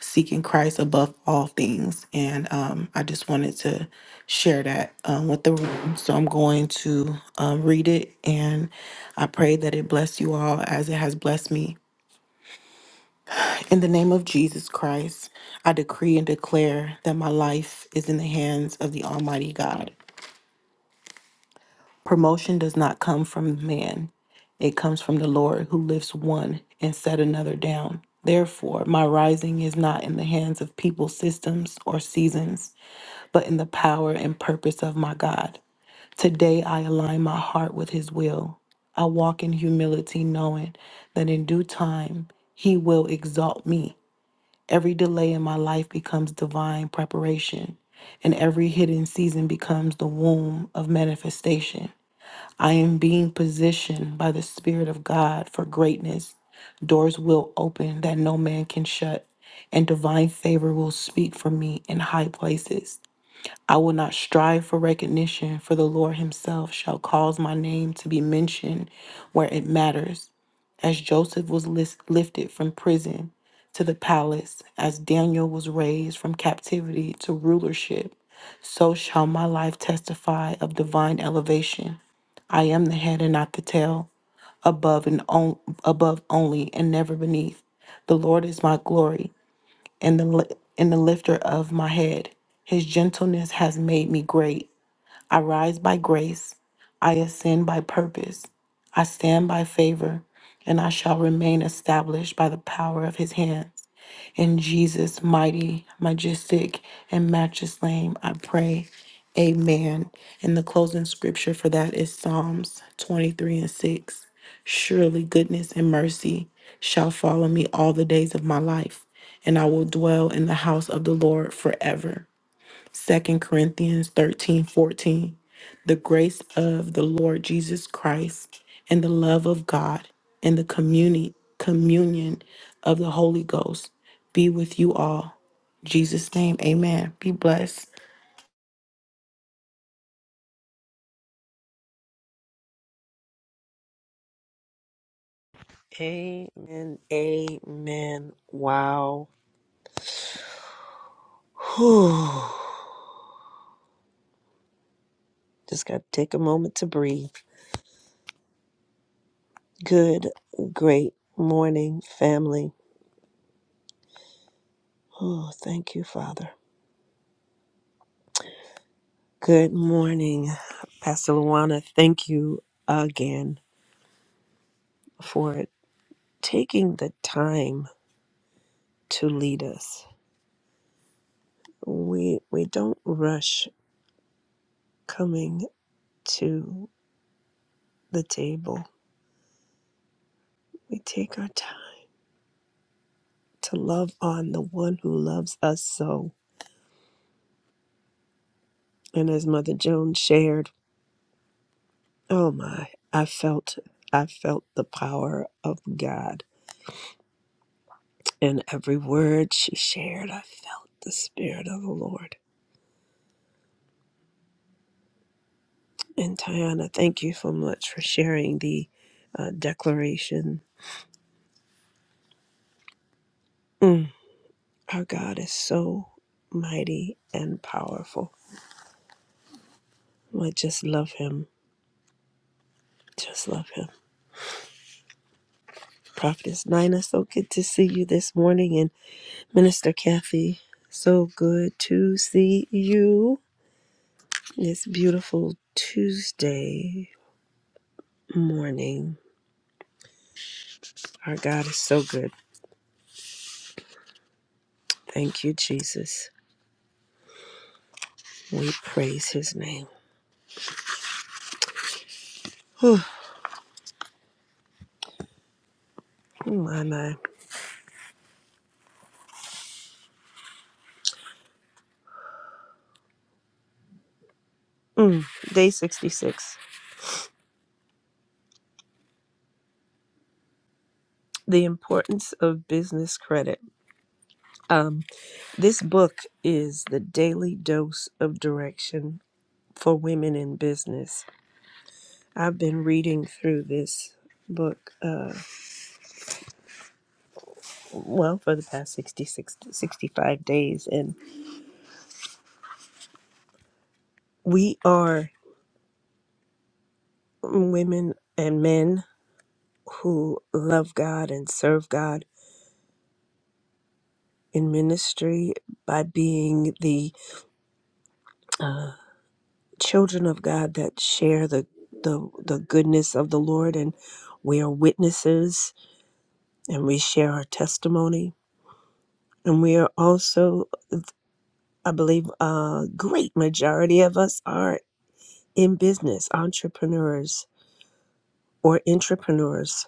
seeking Christ above all things. And um, I just wanted to share that um, with the room. So I'm going to um, read it and I pray that it bless you all as it has blessed me. In the name of Jesus Christ, I decree and declare that my life is in the hands of the Almighty God. Promotion does not come from man, it comes from the Lord who lifts one and set another down. Therefore, my rising is not in the hands of people's systems or seasons, but in the power and purpose of my God. Today, I align my heart with His will. I walk in humility, knowing that in due time, He will exalt me. Every delay in my life becomes divine preparation, and every hidden season becomes the womb of manifestation. I am being positioned by the Spirit of God for greatness. Doors will open that no man can shut, and divine favor will speak for me in high places. I will not strive for recognition, for the Lord Himself shall cause my name to be mentioned where it matters as Joseph was lis- lifted from prison to the palace, as Daniel was raised from captivity to rulership, so shall my life testify of divine elevation. I am the head and not the tail, above and on, above only and never beneath. The Lord is my glory and the li- and the lifter of my head. His gentleness has made me great. I rise by grace, I ascend by purpose, I stand by favor, and I shall remain established by the power of his hands. In Jesus' mighty, majestic, and matchless name, I pray. Amen. And the closing scripture for that is Psalms 23 and 6. Surely goodness and mercy shall follow me all the days of my life, and I will dwell in the house of the Lord forever. Second Corinthians 13 14, The grace of the Lord Jesus Christ and the love of God and the communi- communion of the Holy Ghost be with you all. In Jesus' name, amen. Be blessed.
Amen. Amen. Wow. [sighs] Whew. Just got to take a moment to breathe. Good, great morning, family. Oh, thank you, Father. Good morning, Pastor Luana. Thank you again for taking the time to lead us. We we don't rush coming to the table. We take our time to love on the one who loves us so. And as Mother Joan shared, oh my, I felt I felt the power of God. In every word she shared, I felt the Spirit of the Lord. And Tiana, thank you so much for sharing the uh, declaration. Mm, our God is so mighty and powerful. I just love him. Just love him. Prophetess Nina, so good to see you this morning. and. Minister Kathy, so good to see you this beautiful Tuesday morning. Our God is so good. Thank you, Jesus. We praise his name. Whew. Oh, my, my. Mm. Day 66 The Importance of Business Credit. Um, this book is the daily dose of direction for women in business. I've been reading through this book. Uh. well, for the past 66, 65 days. And we are women and men who love God and serve God in ministry by being the uh, children of God that share the, the, the goodness of the Lord. And we are witnesses and we share our testimony. And we are also, I believe, a great majority of us are in business, entrepreneurs or entrepreneurs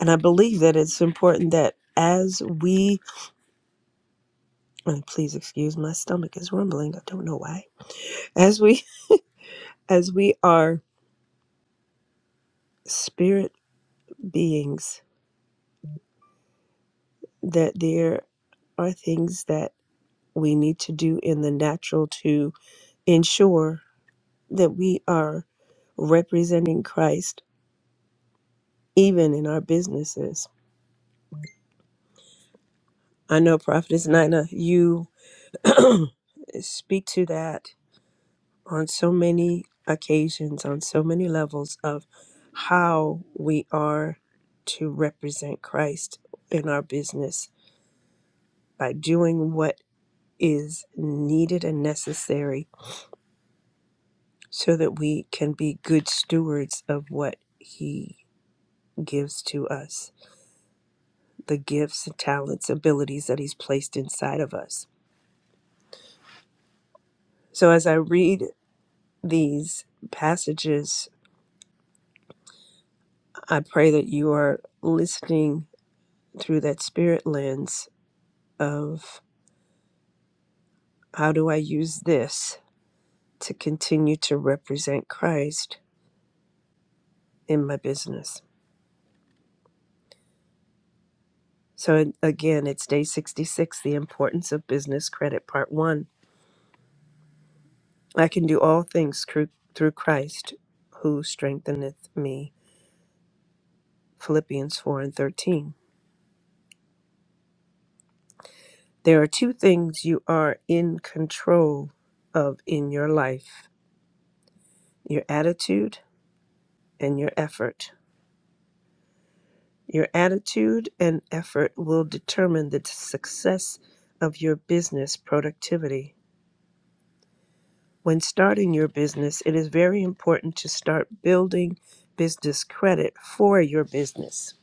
And I believe that it's important that as we and please excuse my stomach is rumbling, I don't know why. As we [laughs] as we are spirit beings, that there are things that we need to do in the natural to ensure that we are representing Christ even in our businesses. I know Prophetess Nina, you [clears throat] speak to that on so many occasions, on so many levels of how we are to represent Christ in our business by doing what is needed and necessary so that we can be good stewards of what He gives to us, the gifts, talents, abilities that He's placed inside of us. So as I read these passages, I pray that you are listening through that spirit lens of how do I use this to continue to represent Christ in my business? So, again, it's day 66, the importance of business credit, part one. I can do all things through, through Christ who strengtheneth me. Philippians 4 and 13. There are two things you are in control of in your life your attitude and your effort. Your attitude and effort will determine the success of your business productivity. When starting your business, it is very important to start building business credit for your business.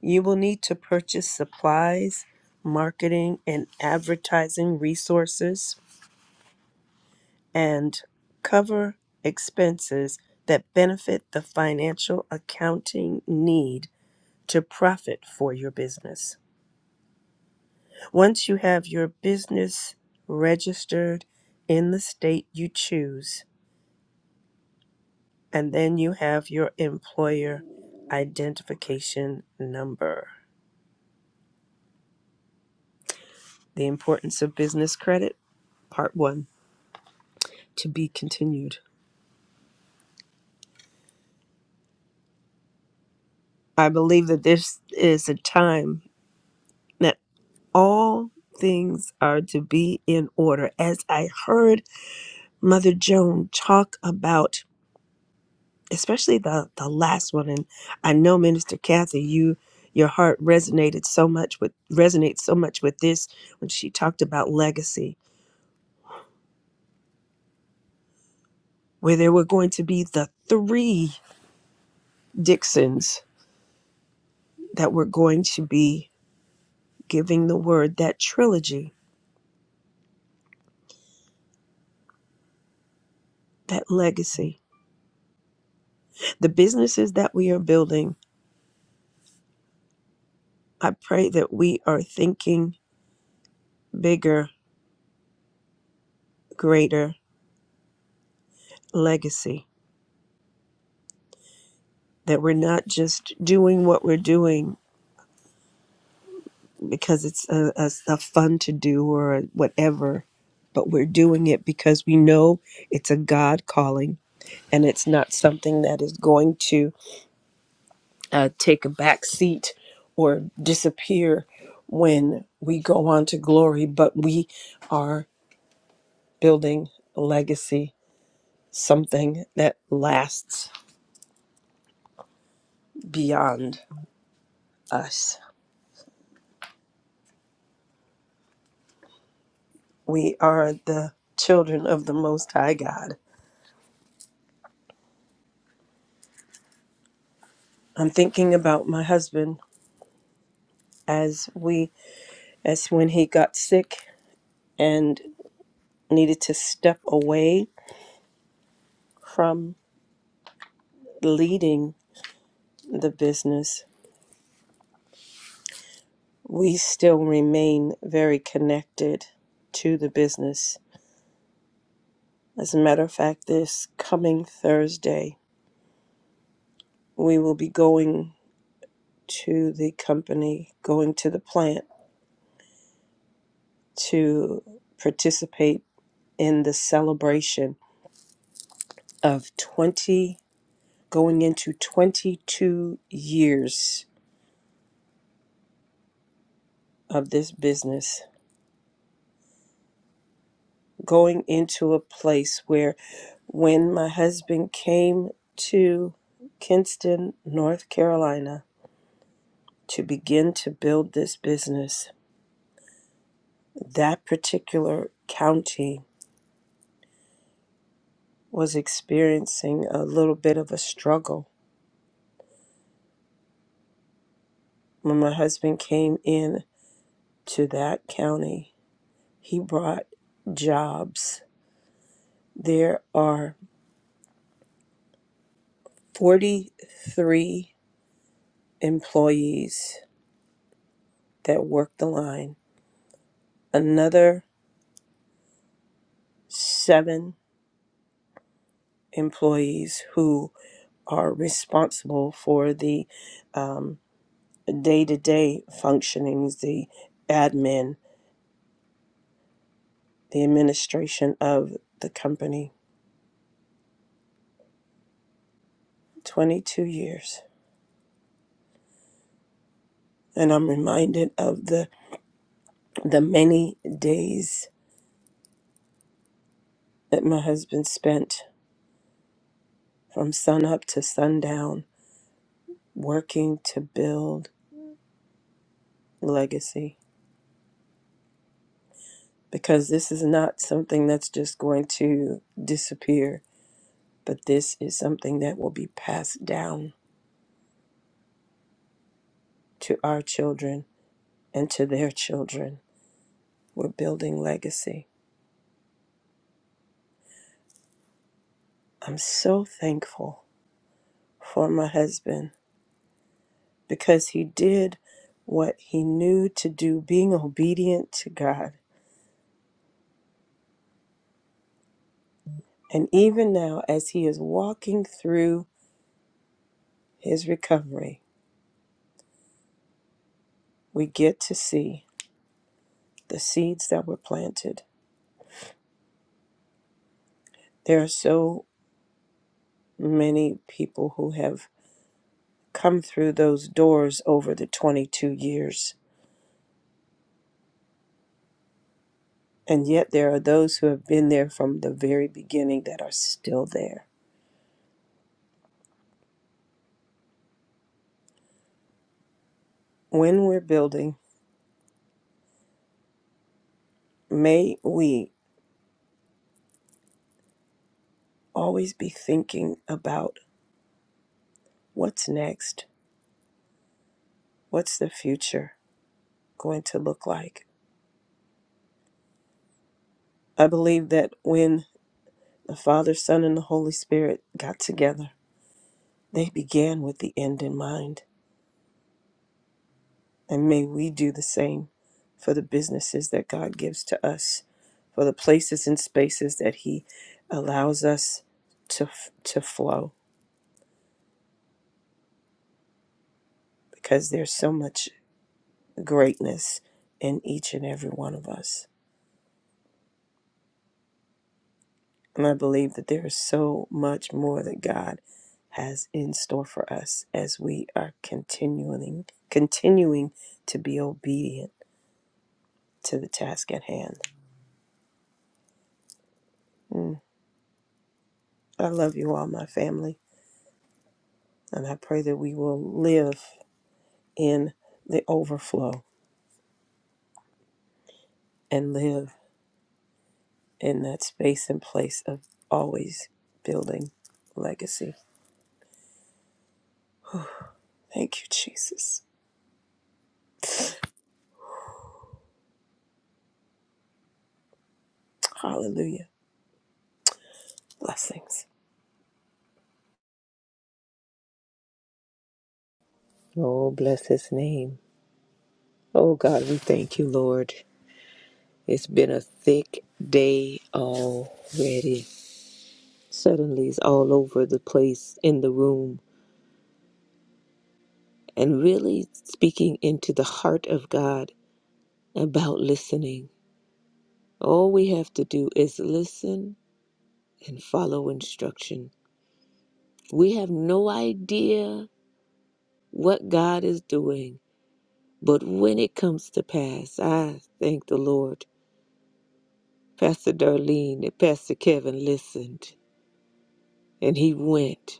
You will need to purchase supplies, marketing, and advertising resources and cover expenses that benefit the financial accounting need to profit for your business. Once you have your business registered in the state you choose, and then you have your employer identification number. The importance of business credit, part one, to be continued. I believe that this is a time that all things are to be in order. As I heard Mother Joan talk about especially the the last one and i know minister kathy you your heart resonated so much with resonates so much with this when she talked about legacy where there were going to be the three dixons that were going to be giving the word that trilogy that legacy the businesses that we are building i pray that we are thinking bigger greater legacy that we're not just doing what we're doing because it's a, a, a fun to do or whatever, but we're doing it because we know it's a God calling and it's not something that is going to uh, take a back seat or disappear when we go on to glory, but we are building a legacy, something that lasts beyond us. We are the children of the Most High God. I'm thinking about my husband as we As when he got sick and needed to step away from leading the business. We still remain very connected to the business. As a matter of fact, this coming Thursday, we will be going to the company, going to the plant to participate in the celebration of 20, going into 22 years of this business going into a place where when my husband came to Kinston, North Carolina, to begin to build this business, that particular county was experiencing a little bit of a struggle. When my husband came in to that county, he brought jobs. There are 43 employees that work the line, another seven employees who are responsible for the um, day-to-day functionings, the admin, the administration of the company. 22 years, and I'm reminded of the the many days that my husband spent from sunup to sundown working to build legacy because this is not something that's just going to disappear, but this is something that will be passed down to our children and to their children. We're building legacy. I'm so thankful for my husband because he did what he knew to do, being obedient to God. And even now, as he is walking through his recovery, we get to see the seeds that were planted. There are so many people who have come through those doors over the 22 years And yet, there are those who have been there from the very beginning that are still there. When we're building, may we always be thinking about what's next? What's the future going to look like? I believe that when the Father, Son, and the Holy Spirit got together, they began with the end in mind. And may we do the same for the businesses that God gives to us, for the places and spaces that He allows us to, to flow because there's so much greatness in each and every one of us. And I believe that there is so much more that God has in store for us as we are continuing continuing to be obedient to the task at hand. Mm. I love you all, my family, and I pray that we will live in the overflow and live in that space and place of always building legacy. Thank you, Jesus. Hallelujah. Blessings.
Oh, bless his name. Oh, God, we thank you, Lord. It's been a thick day already. Suddenly, it's all over the place in the room and really speaking into the heart of God about listening. All we have to do is listen and follow instruction. We have no idea what God is doing, but when it comes to pass, I thank the Lord. Pastor Darlene and Pastor Kevin listened And he went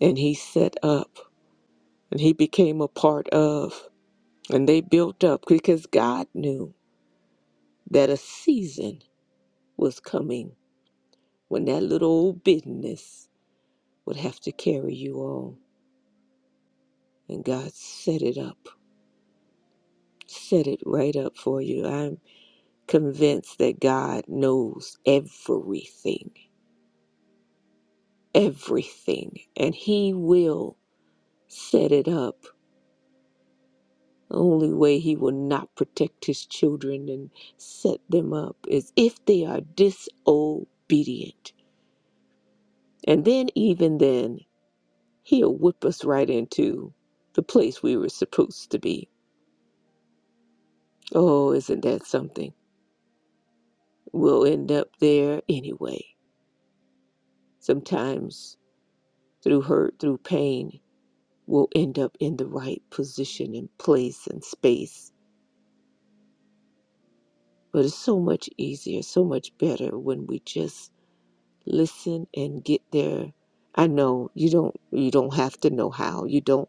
and he set up and he became a part of. And they built up because God knew that a season was coming when that little old business would have to carry you all. And God set it up, set it right up for you. I'm convinced that God knows everything, everything, and He will set it up Only way he will not protect his children and set them up is if they are disobedient. And then, even then, he'll whip us right into the place we were supposed to be. Oh, isn't that something? We'll end up there anyway. Sometimes, through hurt, through pain, we'll end up in the right position and place and space. But it's so much easier, so much better when we just listen and get there i know you don't you don't have to know how you don't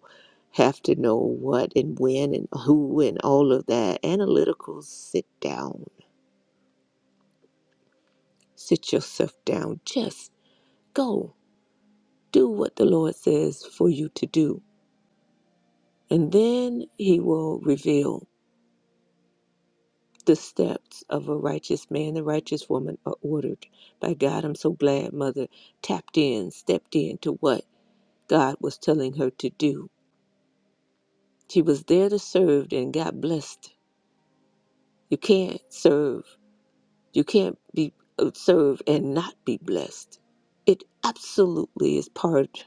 have to know what and when and who and all of that analytical sit down sit yourself down just go do what the lord says for you to do and then he will reveal the steps of a righteous man the righteous woman are ordered by god i'm so glad mother tapped in stepped in to what god was telling her to do She was there to serve and got blessed. You can't serve. You can't be uh, serve and not be blessed. It absolutely is part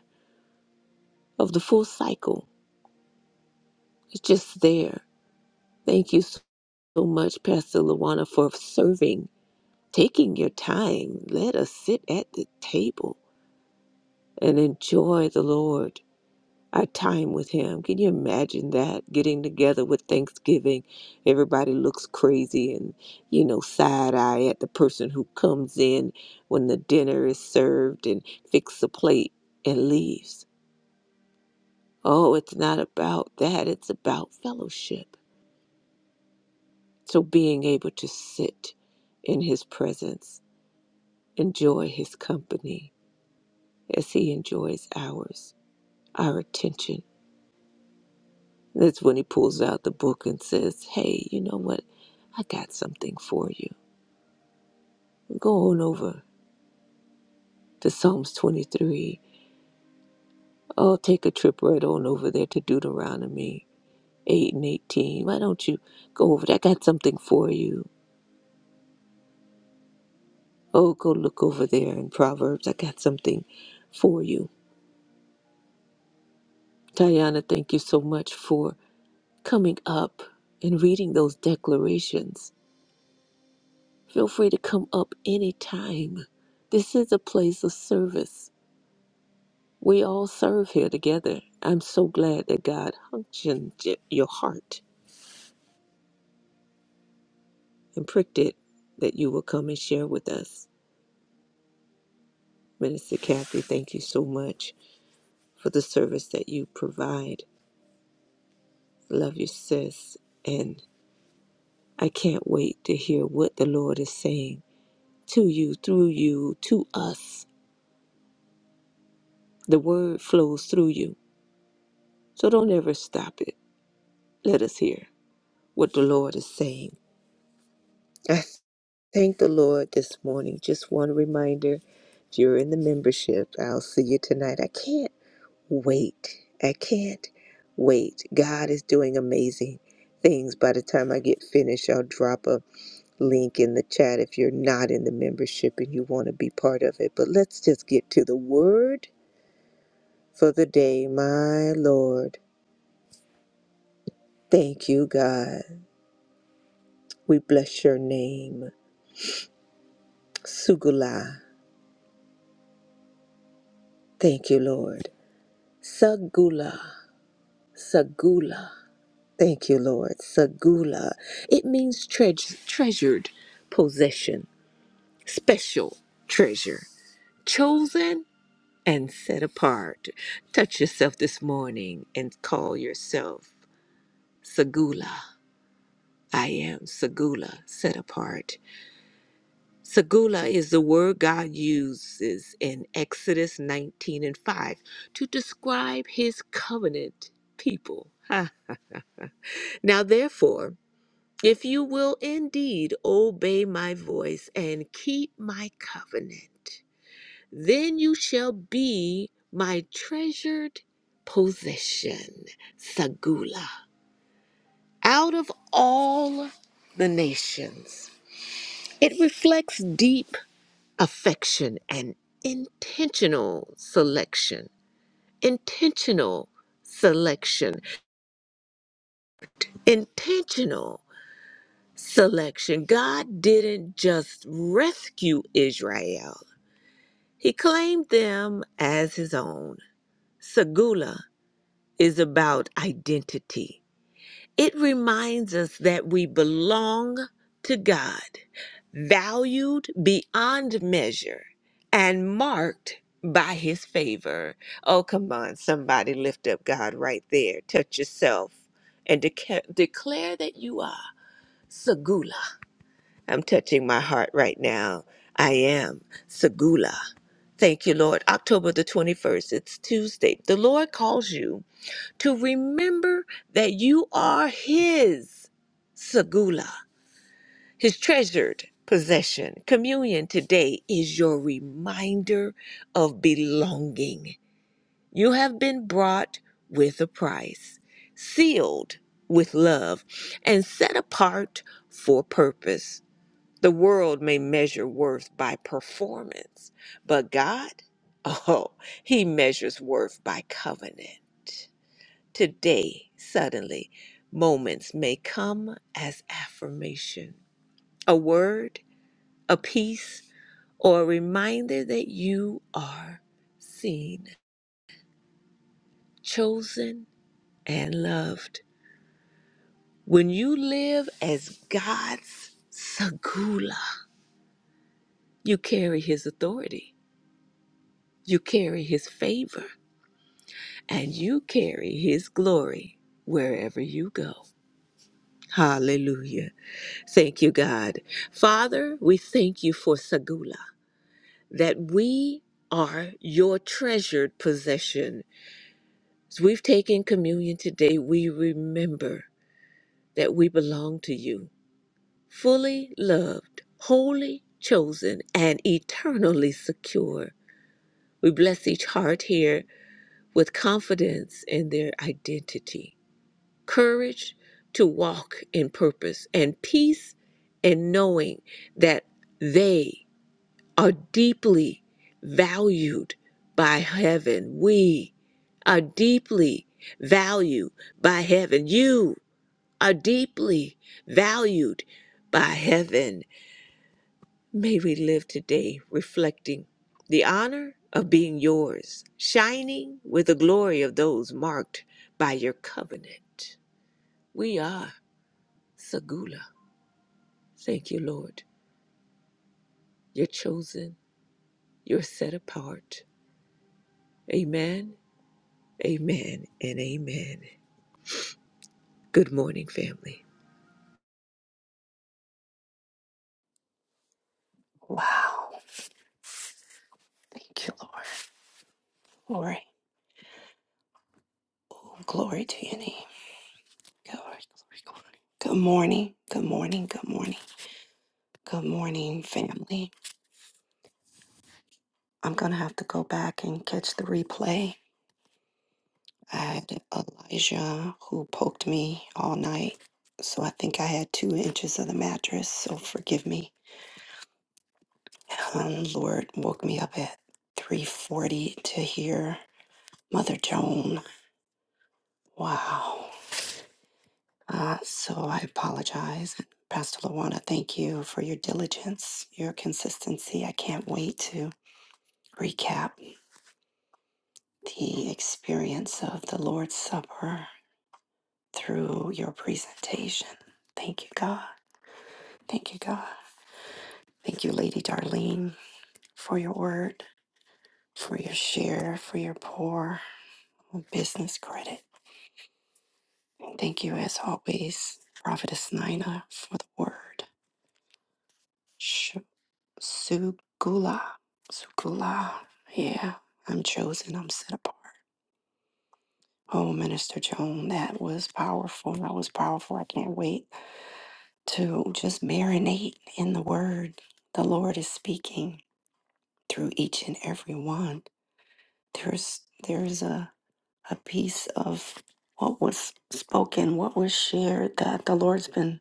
of the full cycle. It's just there. Thank you so so much, Pastor Luana, for serving, taking your time. Let us sit at the table and enjoy the Lord our time with him. Can you imagine that? Getting together with Thanksgiving, everybody looks crazy and, you know, side eye at the person who comes in when the dinner is served and fixes a plate and leaves. Oh, it's not about that. It's about fellowship. So being able to sit in his presence, enjoy his company as he enjoys ours, our attention. That's when he pulls out the book and says, Hey, you know what? I got something for you. Go on over to Psalms 23. Oh, take a trip right on over there to Deuteronomy 8 and 18. Why don't you go over there? I got something for you. Oh, go look over there in Proverbs. I got something for you. Tayana, thank you so much for coming up and reading those declarations. Feel free to come up anytime. This is a place of service. We all serve here together. I'm so glad that God hunctioned your heart and pricked it that you will come and share with us. Minister Kathy, thank you so much for the service that you provide. Love you, sis. And I can't wait to hear what the Lord is saying to you, through you, to us. The word flows through you. So don't ever stop it. Let us hear what the Lord is saying. [laughs] Thank the Lord this morning. Just one reminder if you're in the membership, I'll see you tonight. I can't wait. I can't wait. God is doing amazing things. By the time I get finished, I'll drop a link in the chat if you're not in the membership and you want to be part of it. But let's just get to the word for the day, my Lord. Thank you, God. We bless your name. Sugula. Thank you, Lord. Sagula. Sagula. Thank you, Lord. Sagula. It means treas treasured possession, special treasure, chosen and set apart. Touch yourself this morning and call yourself Sagula. I am Sagula, set apart. Sagula is the word God uses in Exodus 19 and 5 to describe his covenant people. Ha. Now, therefore, If you will indeed obey my voice and keep my covenant, then you shall be my treasured possession, Sagula, out of all the nations. It reflects deep affection and intentional selection, intentional selection, intentional selection. God didn't just rescue Israel. He claimed them as his own. Sagula is about identity. It reminds us that we belong to God, valued beyond measure, and marked by his favor. Oh, come on, somebody lift up God right there. Touch yourself and deca- declare that you are Sagula. I'm touching my heart right now. I am Sagula. Thank you, Lord. October the 21st, it's Tuesday. The Lord calls you to remember that you are His segula, His treasured possession. Communion today is your reminder of belonging. You have been brought with a price, sealed with love, and set apart for purpose. The world may measure worth by performance, but God, [laughs] oh, He measures worth by covenant. Today, suddenly, moments may come as affirmation, a word, a piece, or a reminder that you are seen, chosen, and loved. When you live as God's Sagula, you carry His authority, you carry His favor and you carry his glory wherever you go. Hallelujah. Thank you, God. Father, we thank you for Sagula, that we are your treasured possession. As we've taken communion today, we remember that we belong to you, fully loved, wholly chosen, and eternally secure. We bless each heart here with confidence in their identity. courage to walk in purpose and peace and knowing that they are deeply valued by heaven. We are deeply valued by heaven. You are deeply valued by heaven. May we live today reflecting the honor of being yours, shining with the glory of those marked by your covenant. We are. Segula. Thank you, Lord. You're chosen, you're set apart. Amen, amen, and amen. Good morning, family.
Wow. Thank you, Lord. Glory. Oh, glory to your name. Glory, glory, glory. Good morning. Good morning. Good morning. Good morning, family. I'm going to have to go back and catch the replay. I had Elijah who poked me all night. So I think I had two inches of the mattress. So forgive me. Um, Lord woke me up at 3.40 to hear Mother Joan. Wow. Uh, so I apologize. And Pastor Lawana, thank you for your diligence, your consistency. I can't wait to recap the experience of the Lord's Supper through your presentation. Thank you, God. Thank you, God. Thank you, Lady Darlene, for your word, for your share, for your pour, business credit. Thank you, as always, Prophetess Nina, for the word. Sure. Sugula. Sugula. Yeah, I'm chosen. I'm set apart. Oh, Minister Joan, that was powerful. That was powerful. I can't wait to just marinate in the word. The Lord is speaking through each and every one. There's there's a, a piece of what was spoken, what was shared that the Lord's been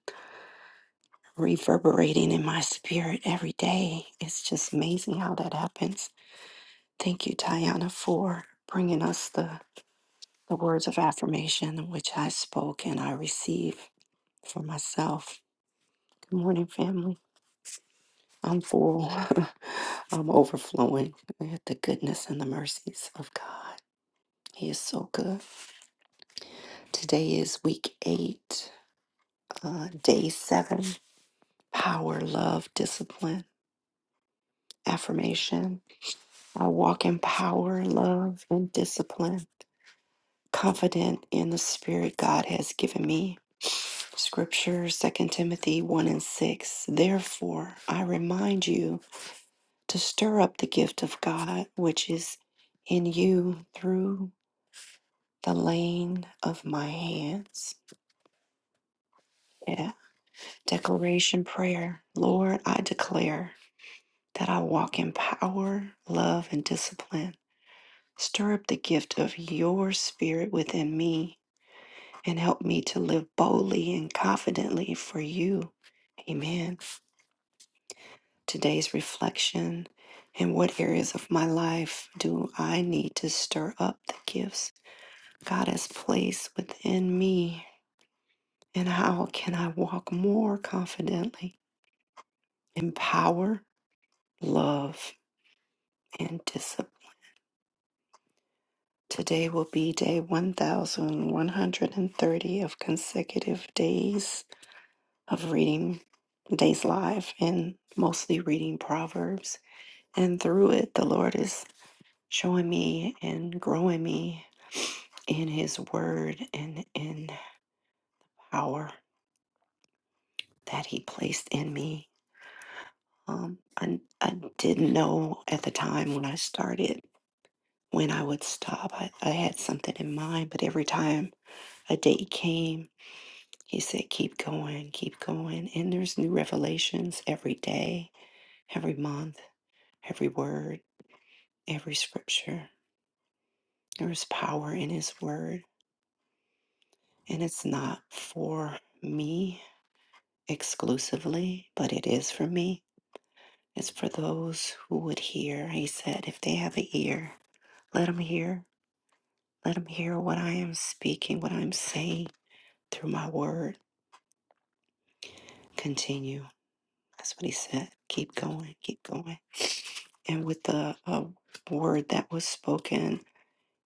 reverberating in my spirit every day. It's just amazing how that happens Thank you, Diana, for bringing us the, the words of affirmation which I spoke and I receive for myself. Good morning, family. I'm full. [laughs] I'm overflowing with the goodness and the mercies of God. He is so good. Today is week eight, uh, day seven power, love, discipline, affirmation. I walk in power, love, and discipline. confident in the Spirit God has given me. Scripture, Second Timothy 1 and 6. Therefore, I remind you to stir up the gift of God which is in you through the laying of my hands. Yeah. Declaration prayer. Lord, I declare that I walk in power, love, and discipline. Stir up the gift of your spirit within me and help me to live boldly and confidently for you. Amen. Today's reflection in what areas of my life do I need to stir up the gifts God has placed within me? And how can I walk more confidently in power, love, and discipline? Today will be day 1130 of consecutive days of reading Days Live and mostly reading Proverbs. And through it, the Lord is showing me and growing me in His Word and in power that He placed in me. Um, I, I didn't know at the time when I started when I would stop. I, I had something in mind, but every time a day came, He said, Keep going, keep going. And there's new revelations every day, every month, every word every scripture. There is power in His Word, and it's not for me exclusively, but it is for me. It's for those who would hear. He said, if they have an ear, let them hear. Let them hear what I am speaking, what I'm saying through my word. Continue. That's what He said. Keep going, keep going. And with the uh, word that was spoken,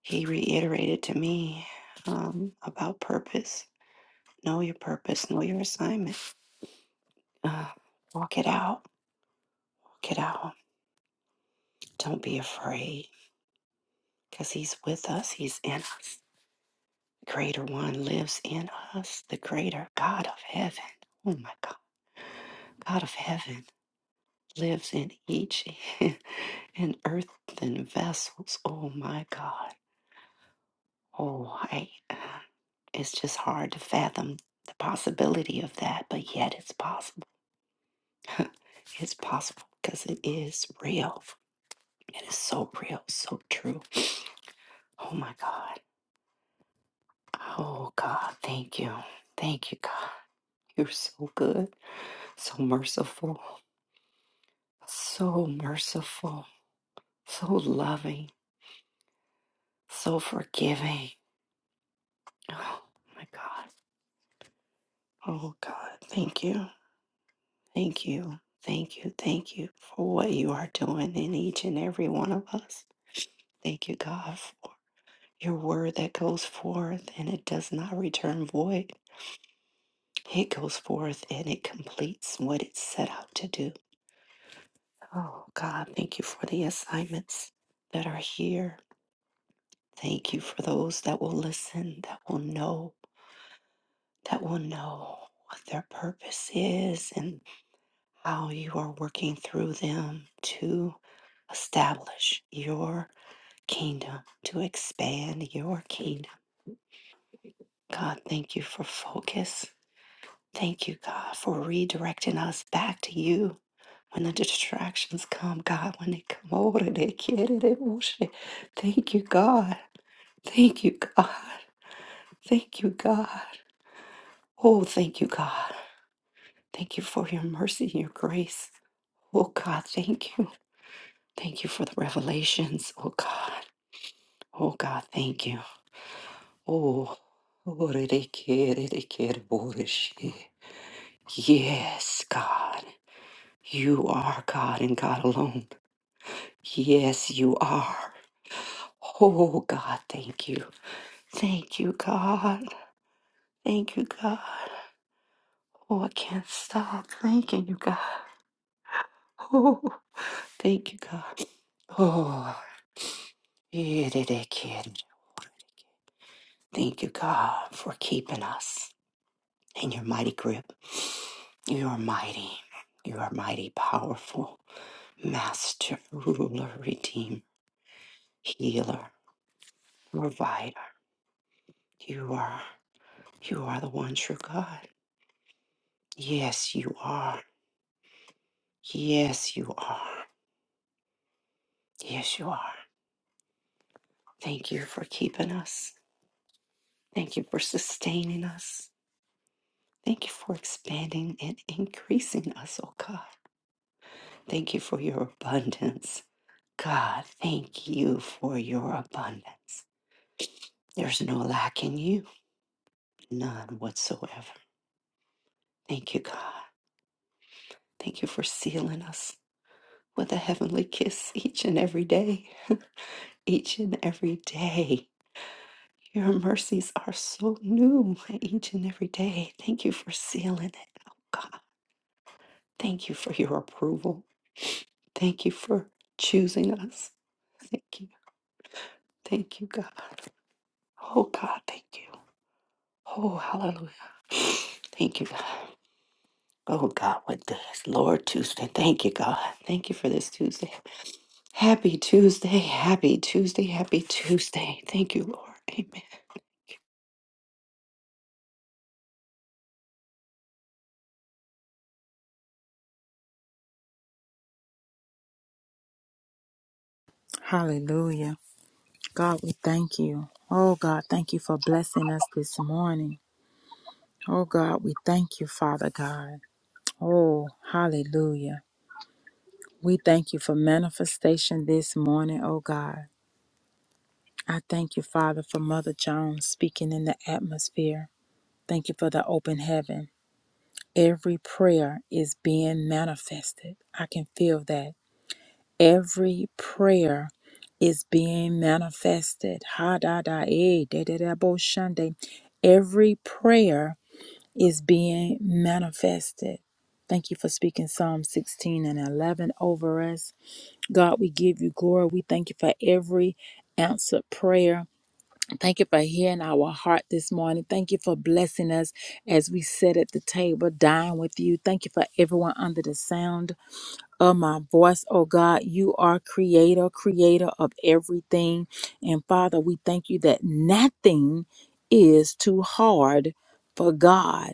He reiterated to me um, about purpose Know your purpose, know your assignment. Uh, walk it out, walk it out. Don't be afraid because He's with us, He's in us. Greater One lives in us, the greater God of heaven. Oh my God, God of heaven lives in each [laughs] and earthen vessels. Oh my God. Oh, I, uh, it's just hard to fathom the possibility of that, but yet it's possible. It's possible because it is real. It is so real, so true. Oh my God. Oh God, thank you. Thank you, God. You're so good, so merciful, so merciful, so loving, so forgiving. Oh my God. Oh God, thank you. Thank you. Thank you. Thank you for what you are doing in each and every one of us. Thank you, God, for your word that goes forth and it does not return void. It goes forth and it completes what it's set out to do. Oh, God, thank you for the assignments that are here. Thank you for those that will listen, that will know, that will know what their purpose is and how you are working through them to establish your kingdom, to expand your kingdom. God, thank you for focus. Thank you, God, for redirecting us back to you. When the distractions come, God, when they come [laughs] over, they get it. They want it. Thank you, God. Thank you, God. Thank you, God. Oh, thank you, God. Thank you for your mercy and your grace. Oh, God, thank you. Thank you for the revelations. Oh, God. Oh, God, thank you. Oh, yes, God. You are God and God alone. Yes, you are. Oh, God, thank you. Thank you, God. Thank you, God. Oh, I can't stop thanking you, God. Oh. Thank you, God. Oh, yeah, they- they kid. Thank you, God, for keeping us in your mighty grip. You are mighty. You are mighty, powerful, master, ruler, redeemer, healer, provider. You are, you are the one true God. Yes, you are. Yes, you are. Yes, you are. Thank you for keeping us. Thank you for sustaining us. Thank you for expanding and increasing us, oh God. Thank you for your abundance. God, thank you for your abundance. There's no lack in you, none whatsoever. Thank you, God. Thank you for sealing us with a heavenly kiss each and every day. Each and every day. Your mercies are so new each and every day. Thank you for sealing it, oh God. Thank you for your approval. Thank you for choosing us. Thank you. Thank you, God. Oh God, thank you. Oh, hallelujah. Thank you, God. Oh, God, what day is Lord Tuesday? Thank you, God. Thank you for this Tuesday. Happy Tuesday. Happy Tuesday. Happy Tuesday. Thank you, Lord. Amen.
Hallelujah. God, we thank you. Oh, God, thank you for blessing us this morning. Oh, God, we thank you, Father God. Oh, hallelujah. We thank you for manifestation this morning, oh, God. I thank you, Father, for Mother Jones speaking in the atmosphere. Thank you for the open heaven. Every prayer is being manifested. I can feel that. Every prayer is being manifested. Ha da da eh, da da da bo shande. Every prayer is being manifested. Thank you for speaking Psalm 16 and 11 over us. God, we give you glory. We thank you for every answered prayer. Thank you for hearing our heart this morning. Thank you for blessing us as we sit at the table, dine with you. Thank you for everyone under the sound of my voice, oh God. You are creator, creator of everything. And Father, we thank you that nothing is too hard for God.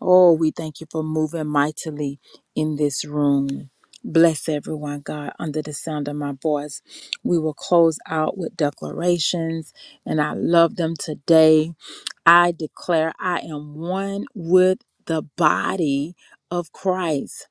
Oh, we thank you for moving mightily in this room. Bless everyone, God, under the sound of my voice. We will close out with declarations, and I love them today I declare I am one with the body of Christ.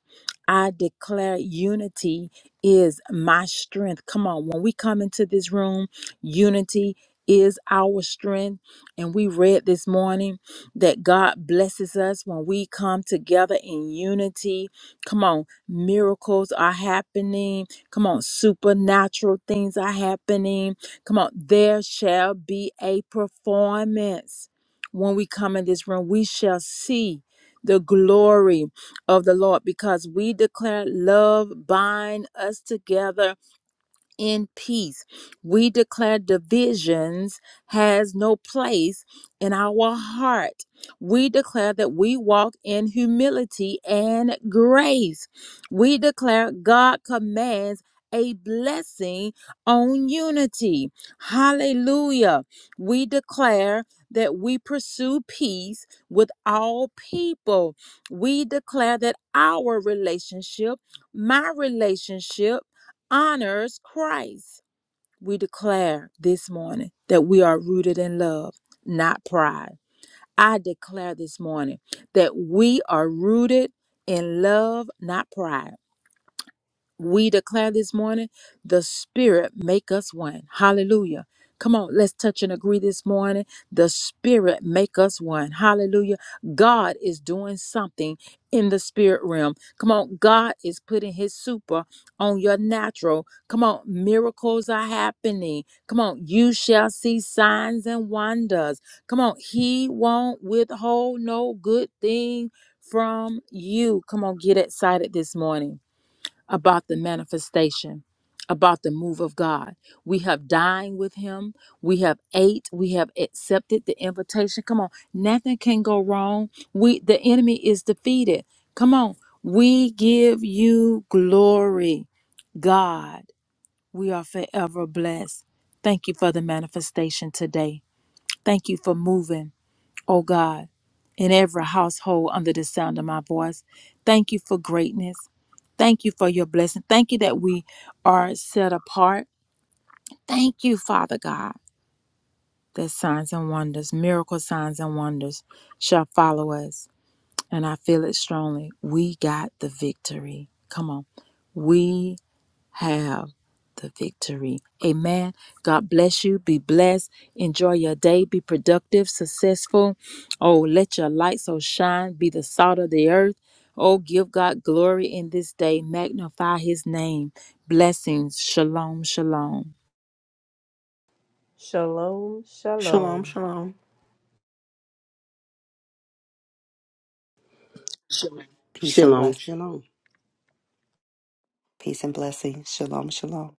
I declare unity is my strength. Come on, when we come into this room, unity is our strength. And we read this morning that God blesses us when we come together in unity. Come on, miracles are happening. Come on, supernatural things are happening. Come on, there shall be a performance when we come in this room, we shall see the glory of the Lord because we declare love bind us together in peace. We declare divisions has no place in our heart. We declare that we walk in humility and grace. We declare God commands a blessing on unity. Hallelujah. We declare that we pursue peace with all people. We declare that our relationship, my relationship, honors Christ. We declare this morning that we are rooted in love, not pride. I declare this morning that we are rooted in love, not pride we declare this morning the spirit make us one hallelujah come on let's touch and agree this morning the spirit make us one hallelujah god is doing something in the spirit realm come on god is putting his super on your natural come on miracles are happening come on you shall see signs and wonders come on he won't withhold no good thing from you come on get excited this morning about the manifestation, about the move of God. We have dined with Him. We have ate. We have accepted the invitation. Come on, nothing can go wrong. We the enemy is defeated. Come on, we give you glory, God. We are forever blessed. Thank you for the manifestation today. Thank you for moving. O God, in every household under the sound of my voice. Thank you for greatness. Thank you for your blessing. Thank you that we are set apart. Thank you, Father God, that signs and wonders, miracle signs and wonders shall follow us. And I feel it strongly. We got the victory. Come on. We have the victory. Amen. God bless you. Be blessed. Enjoy your day. Be productive, successful. Oh, let your light so shine. Be the salt of the earth. Oh, give God glory in this day. Magnify his name. Blessings. Shalom. Shalom.
Shalom,
Shalom,
shalom.
shalom.
Peace and
Shalom,
bless.
shalom.
Peace and blessings. Shalom, shalom.